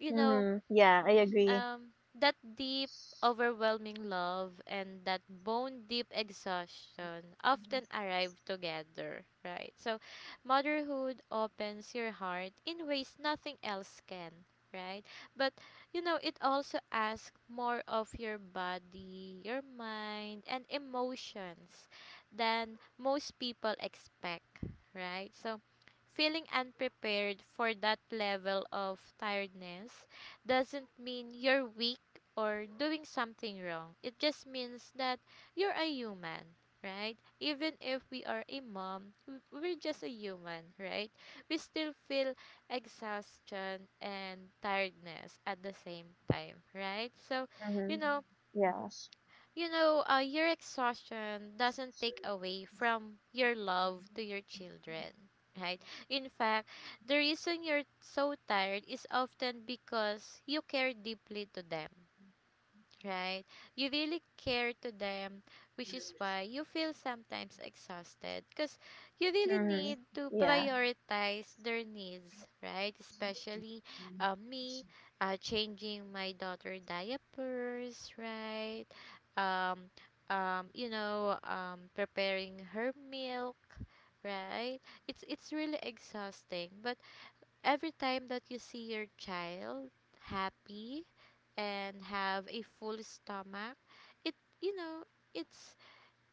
Speaker 1: you know,
Speaker 2: Mm-hmm. Yeah, I agree.
Speaker 1: that deep overwhelming love and that bone deep exhaustion often arrive together, right? So motherhood opens your heart in ways nothing else can, right? But, you know, it also asks more of your body, your mind and emotions than most people expect, right? So feeling unprepared for that level of tiredness doesn't mean you're weak or doing something wrong. It just means that you're a human, right? Even if we are a mom, we're just a human, right? We still feel exhaustion and tiredness at the same time, right? So, you
Speaker 2: Mm-hmm.
Speaker 1: know,
Speaker 2: Yes.
Speaker 1: your exhaustion doesn't take away from your love to your children, right? In fact, the reason you're so tired is often because you care deeply to them, right? You really care to them, which is why you feel sometimes exhausted because you really
Speaker 2: Mm-hmm.
Speaker 1: need to
Speaker 2: Yeah.
Speaker 1: prioritize their needs, right? Especially me changing my daughter diapers, right? Um, preparing her milk, right? It's really exhausting, but every time that you see your child happy and have a full stomach, it, you know it's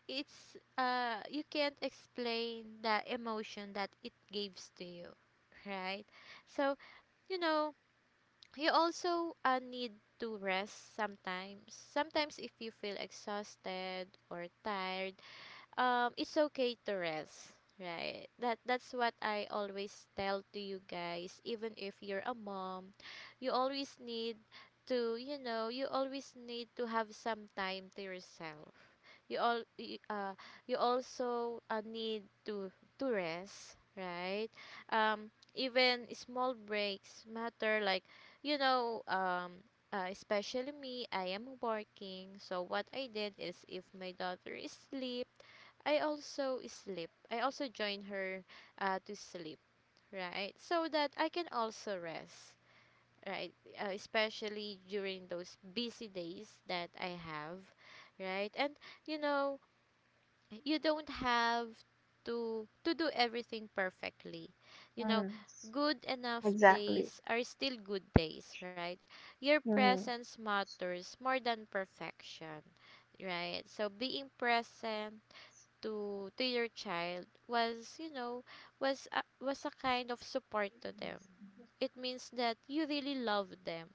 Speaker 1: it's you can't explain the emotion that it gives to you, right? So, you know, you also need to rest sometimes. Sometimes if you feel exhausted or tired, it's okay to rest, right? That's what I always tell to you guys. Even if you're a mom, you always need to, you know, you always need to have some time to yourself. You you also need to rest, right? Um, even small breaks matter. Like, you know um especially me, I am working, so what I did is if my daughter is asleep, I also sleep. I also join her to sleep, right? So that I can also rest, right? Especially during those busy days that I have, right? And, you know, you don't have to do everything perfectly. You know,
Speaker 2: Mm-hmm.
Speaker 1: good enough
Speaker 2: Exactly.
Speaker 1: days are still good days, right? Your
Speaker 2: Mm-hmm.
Speaker 1: presence matters more than perfection, right? So being present to your child was, you know, was a kind of support to them. It means that you really love them,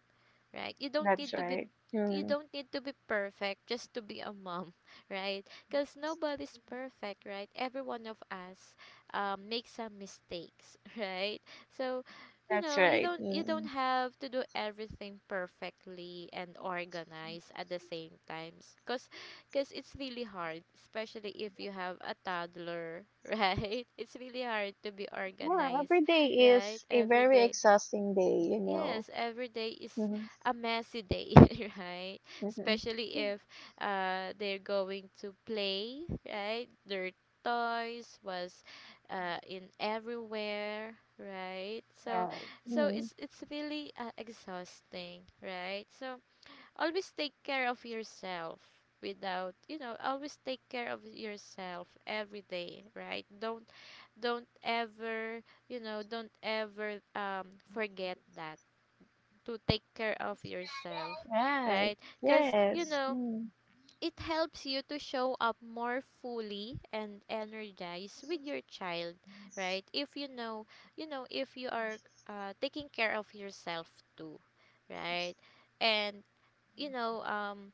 Speaker 1: right?
Speaker 2: That's right.
Speaker 1: You
Speaker 2: Mm,
Speaker 1: don't need to be perfect just to be a mom, [laughs] right? Cuz nobody's perfect, right? Every one of us makes some mistakes, [laughs] right? So, you
Speaker 2: that's
Speaker 1: know,
Speaker 2: right.
Speaker 1: you don't
Speaker 2: Mm.
Speaker 1: have to do everything perfectly and organized at the same times, cuz it's really hard, especially if you have a toddler, [laughs] right? It's really hard to be
Speaker 2: Yeah,
Speaker 1: organized,
Speaker 2: every day
Speaker 1: right?
Speaker 2: is a
Speaker 1: Every
Speaker 2: very
Speaker 1: day.
Speaker 2: exhausting day, you know.
Speaker 1: Yes, every day is
Speaker 2: Mm-hmm.
Speaker 1: a messy day, [laughs] right?
Speaker 2: Mm-hmm.
Speaker 1: Especially if they're going to play, right? Their toys was in everywhere, right? So,
Speaker 2: Yeah.
Speaker 1: so
Speaker 2: Mm.
Speaker 1: it's really exhausting, right? So always take care of yourself, without, you know, always take care of yourself every day, right? Don't ever you know don't ever forget that, to take care of yourself,
Speaker 2: Right.
Speaker 1: right? Because, you
Speaker 2: Yes.
Speaker 1: know,
Speaker 2: Mm.
Speaker 1: it helps you to show up more fully and energized with your child, right? If you know, you know, if you are taking care of yourself too, right? And, you know, um,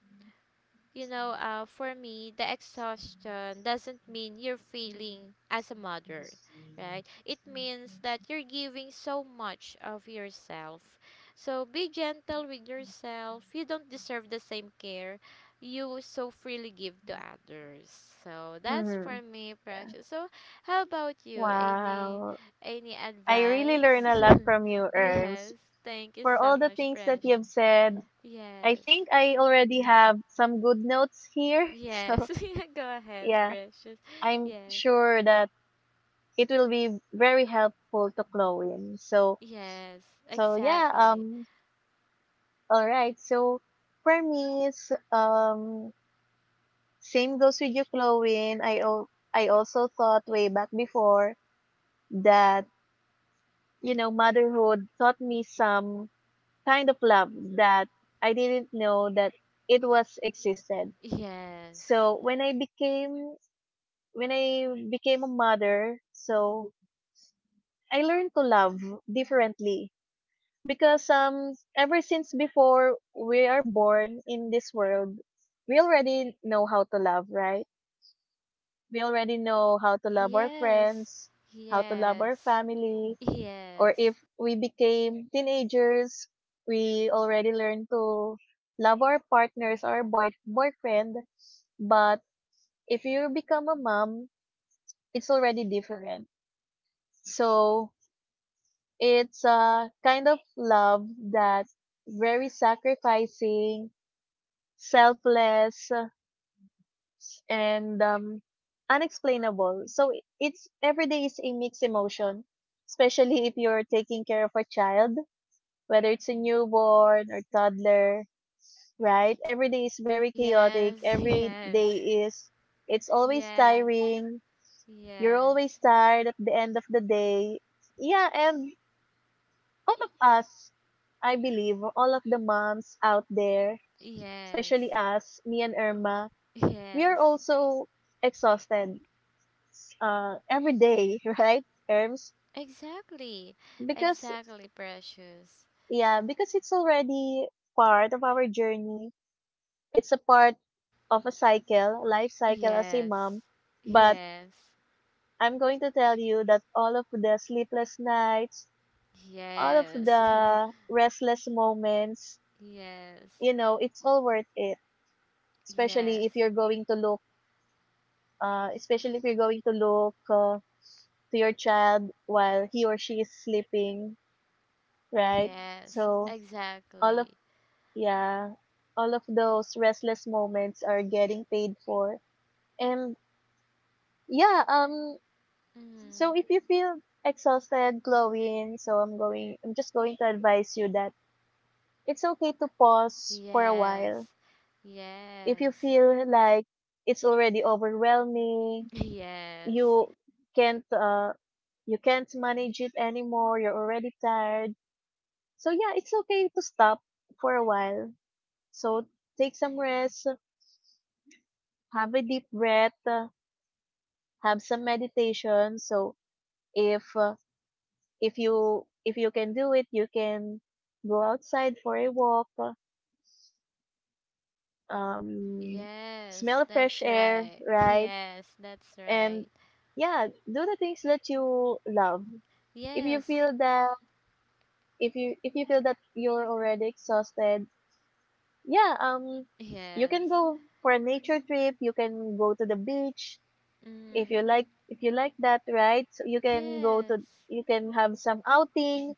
Speaker 1: for me, the exhaustion doesn't mean you're failing as a mother, right? It means that you're giving so much of yourself. So be gentle with yourself. You don't deserve the same care you so freely give to others. So that's for
Speaker 2: Hmm.
Speaker 1: me,
Speaker 2: Yeah.
Speaker 1: precious. So how about you?
Speaker 2: Wow.
Speaker 1: Any
Speaker 2: I really
Speaker 1: advice?
Speaker 2: learn a lot from you,
Speaker 1: [laughs]
Speaker 2: Erms.
Speaker 1: Yes. Thank you
Speaker 2: For
Speaker 1: so
Speaker 2: all the
Speaker 1: much,
Speaker 2: things that you've
Speaker 1: precious.
Speaker 2: said, I
Speaker 1: Yes.
Speaker 2: think I already have some good notes here. [laughs] So,
Speaker 1: Yes. [laughs] Yeah, go ahead,
Speaker 2: yeah,
Speaker 1: precious.
Speaker 2: I'm
Speaker 1: Yes.
Speaker 2: sure that it will be very helpful to Chloe. So,
Speaker 1: Yes.
Speaker 2: so yeah,
Speaker 1: Exactly.
Speaker 2: all right. So, for me, it's, same goes with you, Chloe. I also thought way back before that you know, motherhood taught me some kind of love that I didn't know that it was existed.
Speaker 1: Yes.
Speaker 2: So when I became a mother, so I learned to love differently, because ever since before we are born in this world, we already know how to love, right? We already know how to love our
Speaker 1: Yes.
Speaker 2: friends, how to love our
Speaker 1: Yes.
Speaker 2: family,
Speaker 1: Yes.
Speaker 2: or
Speaker 1: Yes. [laughs]
Speaker 2: if we became teenagers, we already learned to love our partners, our boyfriend. But if you become a mom, it's already different. So it's a kind of love that very sacrificing, selfless, and unexplainable. So it's every day is a mixed emotion, especially if you're taking care of a child, whether it's a newborn or toddler. Right? Every day is very chaotic.
Speaker 1: Yes.
Speaker 2: Every
Speaker 1: Yes.
Speaker 2: day is, it's always tiring. You're
Speaker 1: Yes.
Speaker 2: always tired at the end of the day. Yeah, and all of us, I believe, all of the moms out there,
Speaker 1: Yes.
Speaker 2: especially us, me and Irma, we are
Speaker 1: Yes.
Speaker 2: also exhausted every day, [laughs] right, Irms?
Speaker 1: Exactly.
Speaker 2: Because,
Speaker 1: Exactly, precious.
Speaker 2: yeah, because it's already part of our journey. It's a part of a cycle, life cycle as a
Speaker 1: Yes.
Speaker 2: mom. But
Speaker 1: Yes.
Speaker 2: I'm going to tell you that all of the sleepless nights, all of
Speaker 1: Yes. [laughs]
Speaker 2: the restless moments,
Speaker 1: Yes.
Speaker 2: you know, it's all worth it. Especially if
Speaker 1: Yes.
Speaker 2: you're going to look, uh, especially if you're going to look uh, to your child while he or she is sleeping, right?
Speaker 1: Yes,
Speaker 2: So all of
Speaker 1: exactly.
Speaker 2: yeah, all of those restless moments are getting paid for, and yeah,
Speaker 1: Mm-hmm.
Speaker 2: so if you feel exhausted, Glowing, so I'm just going to advise you that it's okay to pause for a while.
Speaker 1: Yes,
Speaker 2: If you
Speaker 1: yes,
Speaker 2: feel like it's already overwhelming,
Speaker 1: [laughs] yes,
Speaker 2: you can't uh you can't manage it anymore, you're already tired. So yeah, it's okay to stop for a while. So take some rest, have a deep breath, have some meditation. So if uh, if you can do it, you can go outside for a walk, um smell
Speaker 1: yes,
Speaker 2: fresh
Speaker 1: that's
Speaker 2: air,
Speaker 1: right. [laughs]
Speaker 2: right?
Speaker 1: Yes, that's
Speaker 2: And
Speaker 1: right.
Speaker 2: yeah, do the things that you love, if you
Speaker 1: Yes,
Speaker 2: feel that if you feel that you're already exhausted, yeah, you can
Speaker 1: yes.
Speaker 2: go for a nature trip, you can go to the beach if you
Speaker 1: Mm.
Speaker 2: like, if you like that, right? So you can go to,
Speaker 1: Yes,
Speaker 2: you can have some outing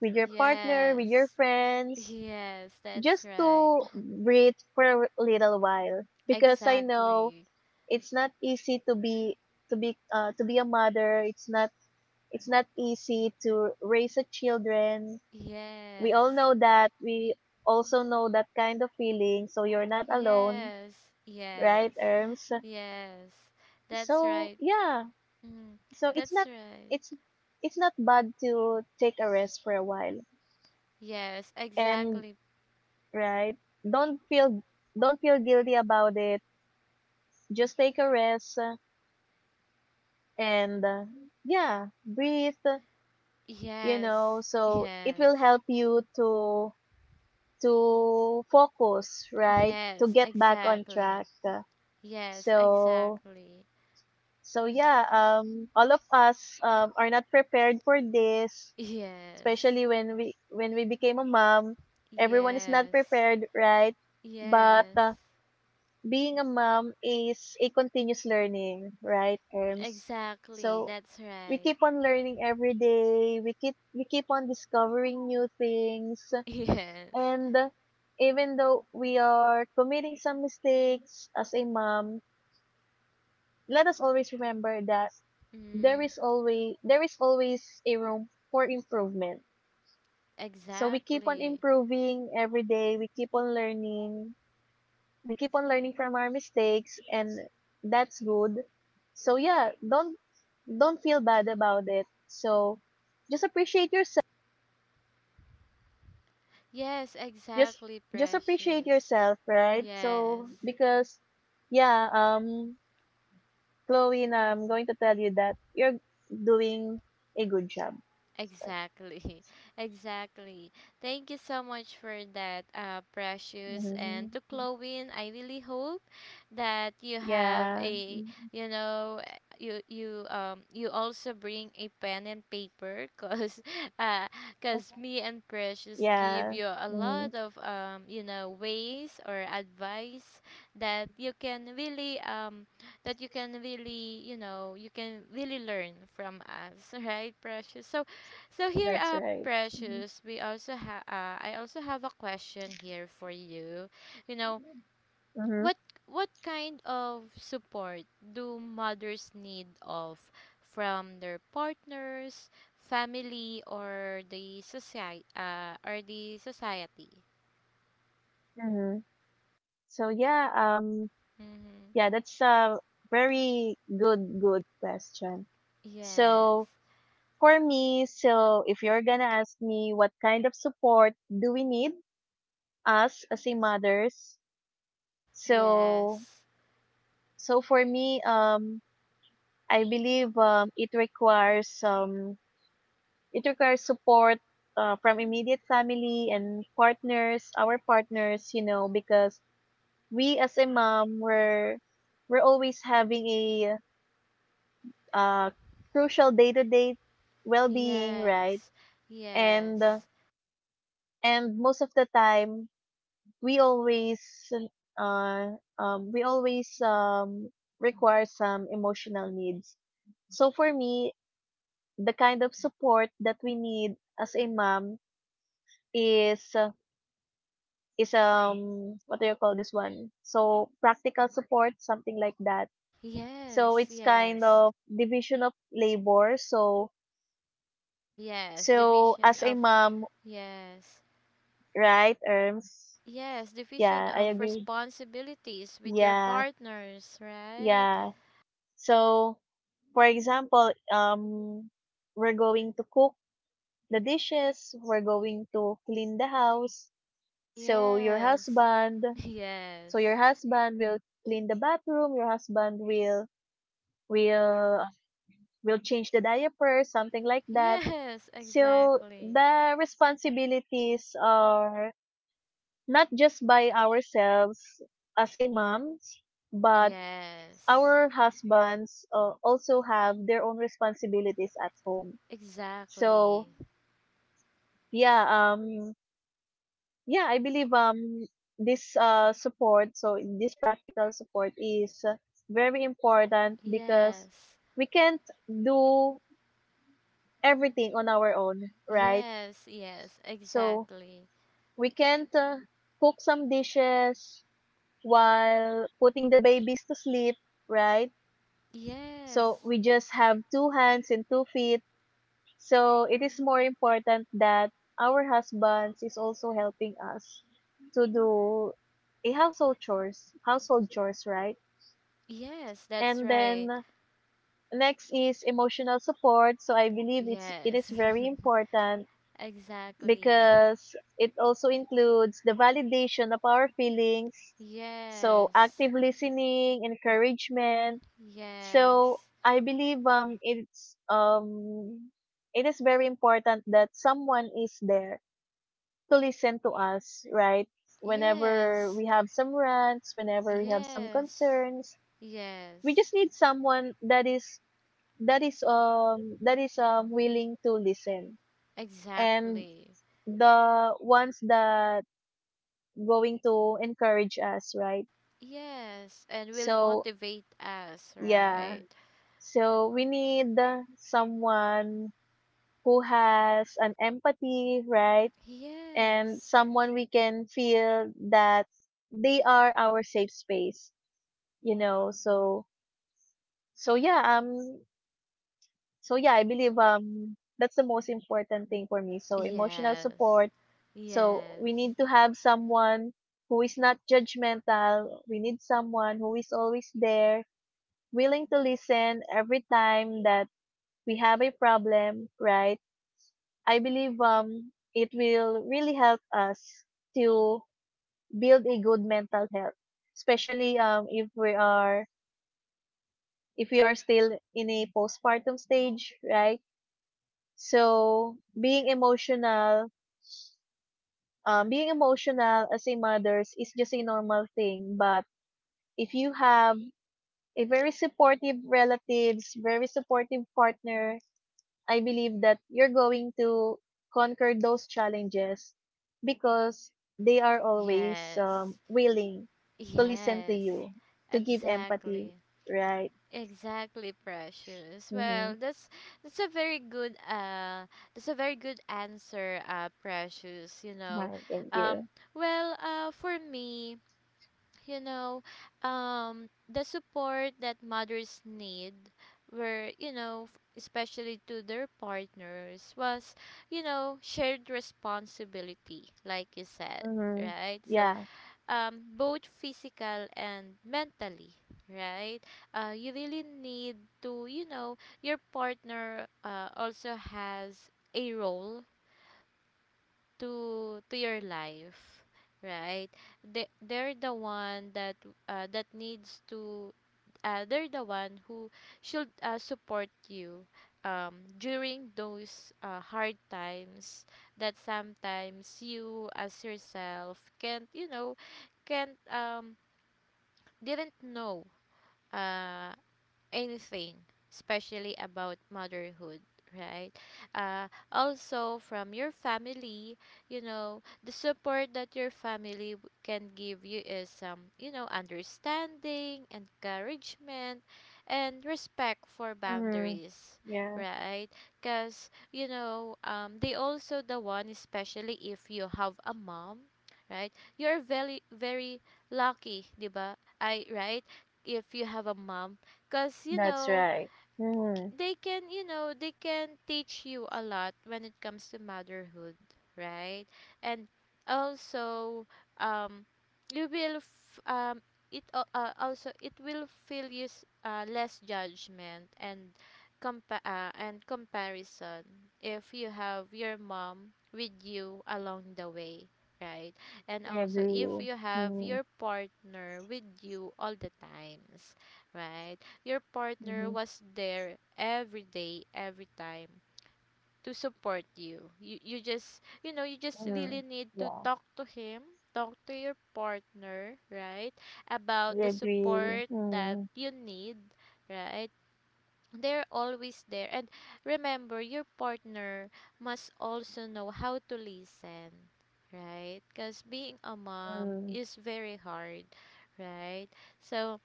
Speaker 2: with your partner, with your
Speaker 1: yes,
Speaker 2: friends,
Speaker 1: yes, that's
Speaker 2: just
Speaker 1: right.
Speaker 2: to breathe for a little while, because I know
Speaker 1: Exactly.
Speaker 2: it's not easy to be a mother. It's not easy to raise a children. We
Speaker 1: Yes,
Speaker 2: all know that, we also know that kind of feeling, so you're not alone,
Speaker 1: yes,
Speaker 2: right,
Speaker 1: yes,
Speaker 2: Erms?
Speaker 1: yes, that's
Speaker 2: So
Speaker 1: right.
Speaker 2: yeah,
Speaker 1: Mm.
Speaker 2: so it's
Speaker 1: That's
Speaker 2: not,
Speaker 1: right.
Speaker 2: it's it's not bad to take a rest for a while,
Speaker 1: Yes,
Speaker 2: and
Speaker 1: exactly.
Speaker 2: right, don't feel don't feel guilty about it, just take a rest, and yeah, breathe, you know,
Speaker 1: Yes,
Speaker 2: so it
Speaker 1: yes,
Speaker 2: will help you to focus, right, to
Speaker 1: yes,
Speaker 2: get back on
Speaker 1: exactly.
Speaker 2: track.
Speaker 1: Yes,
Speaker 2: So
Speaker 1: exactly.
Speaker 2: so yeah, all of us are not prepared for this,
Speaker 1: Yes,
Speaker 2: especially when we became a mom, everyone is not
Speaker 1: yes,
Speaker 2: prepared, right? But
Speaker 1: yes,
Speaker 2: being a mom is a continuous learning, right, terms
Speaker 1: exactly.
Speaker 2: so
Speaker 1: That's
Speaker 2: we
Speaker 1: right.
Speaker 2: keep on learning every day, we keep on discovering new things.
Speaker 1: [laughs] Yes,
Speaker 2: And even though we are committing some mistakes as a mom, let us always remember that
Speaker 1: mm,
Speaker 2: there is always a room for improvement. So we keep on
Speaker 1: exactly.
Speaker 2: improving every day, we keep on learning, we keep on learning from our mistakes, and that's good. So yeah, don't feel bad about it. So just appreciate yourself.
Speaker 1: Yes,
Speaker 2: Just
Speaker 1: exactly,
Speaker 2: just appreciate
Speaker 1: precious.
Speaker 2: yourself, right? So
Speaker 1: Yes.
Speaker 2: because yeah, Chloe, na I'm going to tell you that you're doing a good job. So,
Speaker 1: Exactly, [laughs] exactly. Thank you so much for that, Precious. And
Speaker 2: mhm.
Speaker 1: to Chloe, I really hope that you have
Speaker 2: Yeah,
Speaker 1: a,
Speaker 2: mhm.
Speaker 1: you know, you you also bring a pen and paper, cause, [laughs] uh, cause me and Precious give
Speaker 2: Yeah,
Speaker 1: you a
Speaker 2: mhm.
Speaker 1: lot of you know ways or advice that you can really that you can really, you know, you can really learn from us, [laughs] right, Precious? So, so here,
Speaker 2: That's right. Mhm.
Speaker 1: Precious, we also have. I also have a question here for you. You know,
Speaker 2: Mhm.
Speaker 1: what what kind of support do mothers need of from their partners, family, or the society?
Speaker 2: Mhm. So yeah,
Speaker 1: Mm-hmm.
Speaker 2: yeah, that's a very good question.
Speaker 1: Yes.
Speaker 2: So for me, so if you're gonna ask me what kind of support do we need us as a mothers, so
Speaker 1: Yes.
Speaker 2: so for me, I believe it requires support from immediate family and partners, our partners, you know, because we as a mom we're always having a uh, crucial day to day well being, right?
Speaker 1: Yes.
Speaker 2: And uh,
Speaker 1: Yes.
Speaker 2: and most of the time we always we always require some emotional needs. So for me, the kind of support that we need as a mom is uh, is right. What do you call this one, so practical support, something like that. So
Speaker 1: Yes.
Speaker 2: it's kind
Speaker 1: Yes.
Speaker 2: of division of labor. So
Speaker 1: Yes.
Speaker 2: so
Speaker 1: Division
Speaker 2: as a
Speaker 1: of.
Speaker 2: mom,
Speaker 1: Yes.
Speaker 2: right, Erms?
Speaker 1: Yes,
Speaker 2: yeah
Speaker 1: division
Speaker 2: I
Speaker 1: of
Speaker 2: agree with-
Speaker 1: responsibilities with your
Speaker 2: yeah,
Speaker 1: partners, right?
Speaker 2: yeah, so for example, we're going to cook the dishes, we're going to clean the house. so your
Speaker 1: Yes.
Speaker 2: husband
Speaker 1: [laughs]
Speaker 2: So
Speaker 1: Yes.
Speaker 2: your husband will clean the bathroom, your husband will will will change the diapers, something like that.
Speaker 1: Yes,
Speaker 2: So
Speaker 1: exactly.
Speaker 2: the responsibilities are not just by ourselves as a moms, but
Speaker 1: Yes.
Speaker 2: our husbands also have their own responsibilities at home. So
Speaker 1: Exactly.
Speaker 2: yeah, um yeah, I believe this support, so this practical support is very important because
Speaker 1: Yes.
Speaker 2: we can't do everything on our own, right?
Speaker 1: Yes, yes,
Speaker 2: So
Speaker 1: exactly.
Speaker 2: we can't cook some dishes while putting the babies to sleep, right? So
Speaker 1: Yes.
Speaker 2: we just have two hands and 2 feet, so it is more important that our husbands is also helping us to do a household chores, right?
Speaker 1: Yes, that's
Speaker 2: And
Speaker 1: right.
Speaker 2: then next is emotional support. So I believe it is
Speaker 1: Yes.
Speaker 2: very important
Speaker 1: [laughs] Exactly.
Speaker 2: because it also includes the validation of our feelings. So
Speaker 1: Yes.
Speaker 2: active listening, encouragement. So
Speaker 1: Yes.
Speaker 2: I believe it is very important that someone is there to listen to us, right? Whenever
Speaker 1: Yes.
Speaker 2: we have some rants, whenever we have some
Speaker 1: Yes.
Speaker 2: concerns, we
Speaker 1: Yes.
Speaker 2: just need someone that is willing to listen. And
Speaker 1: Exactly.
Speaker 2: the ones that going to encourage us, right?
Speaker 1: Yes, and will
Speaker 2: So,
Speaker 1: motivate us,
Speaker 2: yeah.
Speaker 1: right?
Speaker 2: So we need someone who has an empathy, right? And
Speaker 1: Yes.
Speaker 2: someone we can feel that they are our safe space, so so yeah um yeah, I believe that's the most important thing for me, so emotional
Speaker 1: Yes.
Speaker 2: support. So we
Speaker 1: Yes.
Speaker 2: need to have someone who is not judgmental. We need someone who is always there, willing to listen every time that we have a problem, right? I believe it will really help us to build a good mental health, especially if we are still in a postpartum stage, right? So being emotional as a mother's is just a normal thing. But if you have a very supportive relatives, very supportive partner, I believe that you're going to conquer those challenges because they are always
Speaker 1: Yes.
Speaker 2: willing to listen to
Speaker 1: Yes.
Speaker 2: you, to give empathy,
Speaker 1: Exactly.
Speaker 2: right?
Speaker 1: Exactly, precious.
Speaker 2: Mm-hmm.
Speaker 1: Well, that's that's a very good that's a very good answer, precious, you know.
Speaker 2: Thank
Speaker 1: Um,
Speaker 2: you.
Speaker 1: well, for me, you know, the support that mothers need were, you know, especially to their partners was, you know, shared responsibility, like you said,
Speaker 2: Mm-hmm.
Speaker 1: right? So,
Speaker 2: Yeah.
Speaker 1: both physical and mentally, right? You really need to, you know, your partner also has a role to your life, right? They're the one that that needs to they're the one who should support you during those hard times, that sometimes you as yourself can't, you know, can't didn't know uh anything, especially about motherhood, right? Also, from your family, you know, the support that your family can give you is, you know, understanding, encouragement, and respect for
Speaker 2: Mm-hmm.
Speaker 1: boundaries,
Speaker 2: Yeah,
Speaker 1: right? Because you know, they also the one, especially if you have a mom, right? You're very very lucky, diba, I right? If you have a mom, because you
Speaker 2: that's
Speaker 1: know,
Speaker 2: right. Mm,
Speaker 1: they can, you know, they can teach you a lot when it comes to motherhood, right? And also, um you will also it will feel you less judgment and and comparison if you have your mom with you along the way, right? And
Speaker 2: I
Speaker 1: also if
Speaker 2: agree.
Speaker 1: you have
Speaker 2: Mm,
Speaker 1: your partner with you all the times, right? Your
Speaker 2: mm-hmm,
Speaker 1: partner was there every day, every time to support you. You just, you know, you just
Speaker 2: mm,
Speaker 1: really need to
Speaker 2: yeah,
Speaker 1: talk to him, talk to your partner, right?
Speaker 2: I
Speaker 1: About the
Speaker 2: agree.
Speaker 1: support that
Speaker 2: Mm,
Speaker 1: you need, right? They're always there. And remember, your partner must also know how to listen, right? Because being a mom
Speaker 2: mm,
Speaker 1: is very hard, right? So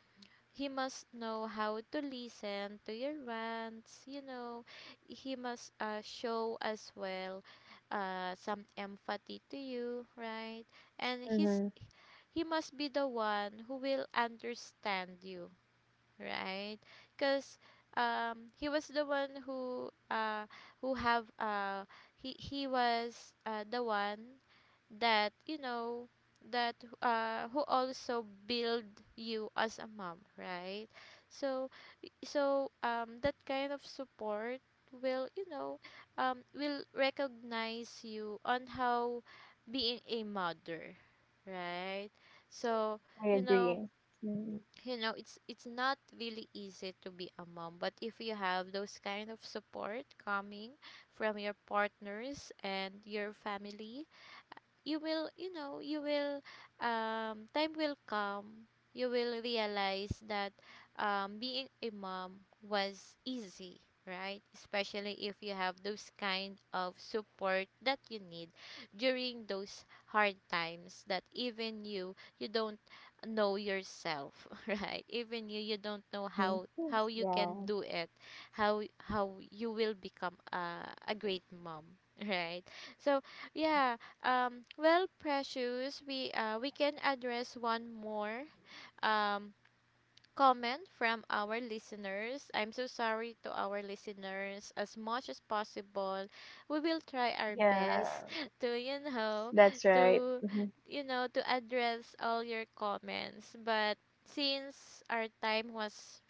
Speaker 1: he must know how to listen to your rants, you know. He must show as well some empathy to you, right? And
Speaker 2: mm-hmm,
Speaker 1: he must be the one who will understand you, right? Because he was the one who have he was the one that, you know, that who also build you as a mom, right? So, so that kind of support will, you know, will recognize you on how being a mother, right? So,
Speaker 2: I
Speaker 1: you know,
Speaker 2: agree. Mm,
Speaker 1: you know, it's not really easy to be a mom, but if you have those kind of support coming from your partners and your family, you know you will time will come, you will realize that, being a mom was easy, right? Especially if you have those kind of support that you need during those hard times, that even you don't know yourself, [laughs] right? Even you don't know
Speaker 2: mm-hmm.
Speaker 1: how you can
Speaker 2: Yeah,
Speaker 1: do it, how you will become a great mom, [laughs] right? So yeah, well, Precious, we can address one more um comment from our listeners. I'm so sorry to our listeners. As much as possible, we will try our
Speaker 2: yeah,
Speaker 1: best [laughs] to, you know,
Speaker 2: that's right.
Speaker 1: to,
Speaker 2: Hmm.
Speaker 1: you know, to address all your comments. But since our time was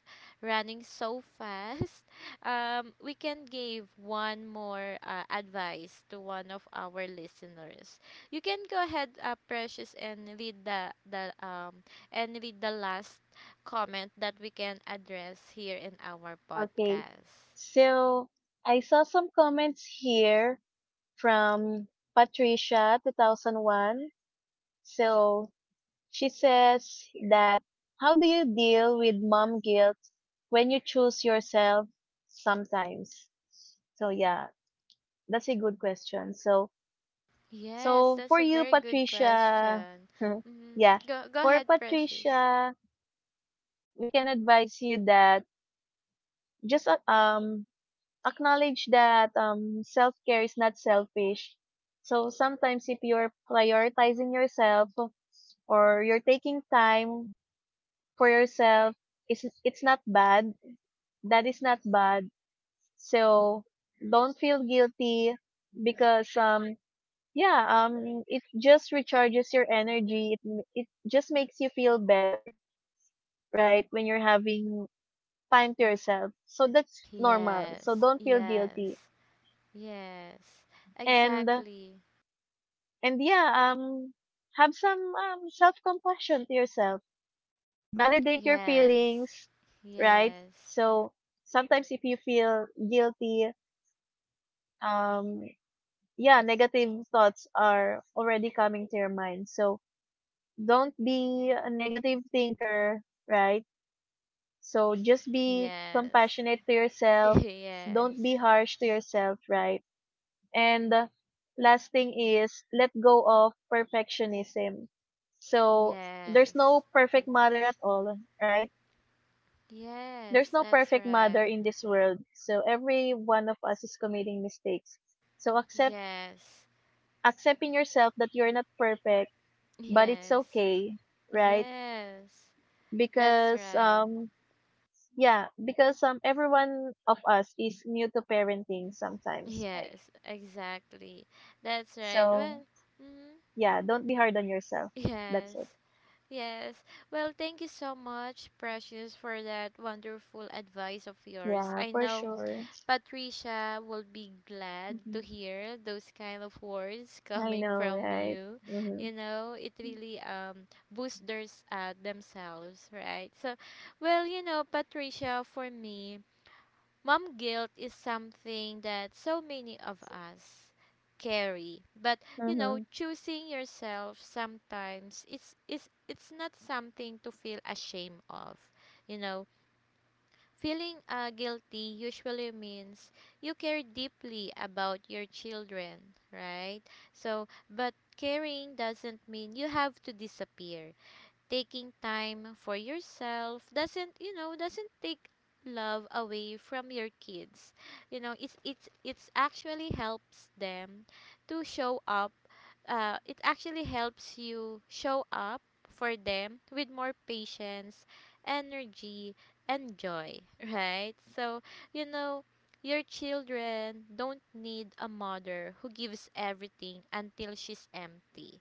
Speaker 1: running so fast, [laughs] we can give one more advice to one of our listeners. You can go ahead, Precious, and read the and read the last comment that we can address here in our
Speaker 2: Okay,
Speaker 1: podcast?
Speaker 2: so I saw some comments here from Patricia 2001. So she says that, how do you deal with mom guilt when you choose yourself sometimes? So yeah, that's a good question. So
Speaker 1: Yes,
Speaker 2: so for
Speaker 1: that's a
Speaker 2: you
Speaker 1: very good
Speaker 2: Patricia,
Speaker 1: question.
Speaker 2: [laughs]
Speaker 1: Hmm,
Speaker 2: yeah,
Speaker 1: go, go
Speaker 2: for
Speaker 1: ahead, Precious.
Speaker 2: Patricia, we can advise you that just acknowledge that self-care is not selfish. So sometimes if you're prioritizing yourself or you're taking time for yourself, it's not bad, that is not bad. So don't feel guilty because yeah it just recharges your energy. It just makes you feel better, right? When you're having time to yourself, so that's normal, so
Speaker 1: Yes,
Speaker 2: don't feel
Speaker 1: yes,
Speaker 2: guilty.
Speaker 1: yes,
Speaker 2: and
Speaker 1: exactly.
Speaker 2: and yeah, have some self compassion to yourself, validate your
Speaker 1: Yes,
Speaker 2: feelings, right?
Speaker 1: yes,
Speaker 2: So sometimes if you feel guilty, um yeah, negative thoughts are already coming to your mind, so don't be a negative thinker, right? So just be
Speaker 1: yes,
Speaker 2: compassionate to
Speaker 1: [laughs]
Speaker 2: yourself, don't
Speaker 1: yes,
Speaker 2: be harsh to yourself, right? And last thing is, let go of perfectionism. So there's
Speaker 1: yes,
Speaker 2: no perfect mother at all, right? There's
Speaker 1: yes,
Speaker 2: no
Speaker 1: that's
Speaker 2: perfect mother
Speaker 1: right.
Speaker 2: in this world, so every one of us is committing mistakes. So accept
Speaker 1: Yes,
Speaker 2: accepting yourself that you're not perfect, but it's
Speaker 1: yes,
Speaker 2: okay, right?
Speaker 1: yes, that's
Speaker 2: Because
Speaker 1: right.
Speaker 2: everyone of us is new to parenting sometimes, right?
Speaker 1: Yes, exactly. That's right.
Speaker 2: So
Speaker 1: Well, mm,
Speaker 2: yeah, don't be hard on yourself. That's it.
Speaker 1: yes, yes. Well, thank you so much, Precious, for that wonderful advice of yours.
Speaker 2: Yeah,
Speaker 1: I
Speaker 2: for
Speaker 1: know
Speaker 2: sure.
Speaker 1: Patricia will be glad to hear those kind of words [laughs]
Speaker 2: I
Speaker 1: coming
Speaker 2: know,
Speaker 1: from
Speaker 2: right?
Speaker 1: you.
Speaker 2: Mhm.
Speaker 1: You know, it really boosts theirs, themselves, right? So, well, you know, Patricia, for me, mom guilt is something that so many of us carry. But you know,
Speaker 2: Mhm.
Speaker 1: choosing yourself sometimes, it's not something to feel ashamed of. You know, feeling guilty usually means you care deeply about your children, right? So, but caring doesn't mean you have to disappear. Taking time for yourself doesn't, you know, doesn't take love away from your kids. You know, it's actually helps them to show up, it actually helps you show up for them with more patience, energy, and joy, [laughs] right? So, you know, your children don't need a mother who gives everything until she's empty.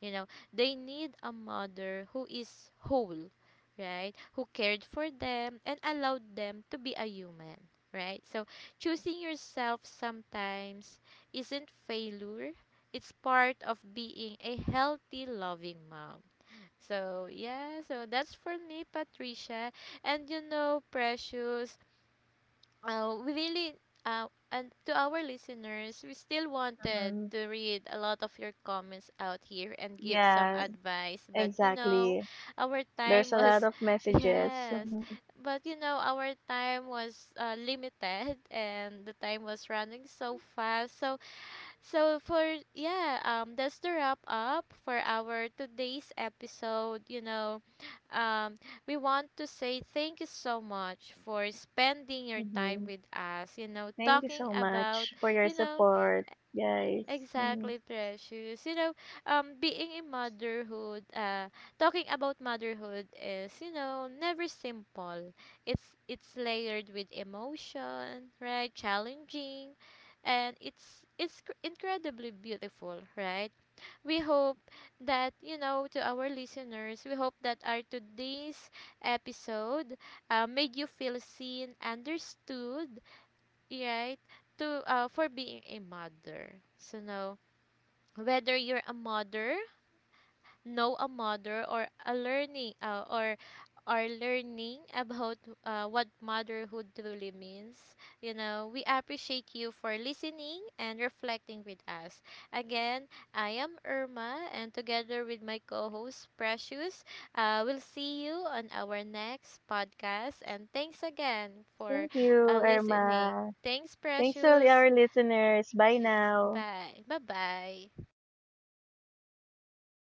Speaker 1: You know, they need a mother who is whole, right? Who cared for them and allowed them to be a human, right? So choosing yourself sometimes isn't failure, it's part of being a healthy, loving mom. So, yeah, so that's for me, Patricia. And you know, Precious, we really uh, and to our listeners, we still wanted
Speaker 2: Mhm.
Speaker 1: to read a lot of your comments out here and give some
Speaker 2: Yeah,
Speaker 1: advice, but you know,
Speaker 2: exactly.
Speaker 1: our
Speaker 2: There's
Speaker 1: time
Speaker 2: a lot
Speaker 1: was
Speaker 2: of
Speaker 1: [laughs]
Speaker 2: messages.
Speaker 1: yes,
Speaker 2: Mhm.
Speaker 1: but you know, our time was limited, and the time was running so fast, so so for yeah, that's the wrap up for our today's episode. You know, um we want to say thank you so much for spending your time
Speaker 2: Mhm.
Speaker 1: with us, you know,
Speaker 2: Thank you
Speaker 1: talking
Speaker 2: so
Speaker 1: about,
Speaker 2: much for your
Speaker 1: you know,
Speaker 2: support, guys. Mhm.
Speaker 1: exactly, precious. You know, being in motherhood, talking about motherhood is, you know, never simple. It's layered with emotion, right? Challenging, and it's incredibly beautiful, right? We hope that, you know, to our listeners, we hope that our today's episode, made you feel seen, understood, right? To for being a mother. So no, whether you're a mother, know a mother, or a learning or are learning about what motherhood truly means. You know, we appreciate you for listening and reflecting with us. Again, I am Irma, and together with my co-host Precious, we'll see you on our next podcast. And thanks again for
Speaker 2: Thank you,
Speaker 1: listening.
Speaker 2: Irma.
Speaker 1: Thanks,
Speaker 2: Thanks to all
Speaker 1: Precious.
Speaker 2: our listeners. Bye
Speaker 1: Yes.
Speaker 2: now.
Speaker 1: Bye. Bye. Bye.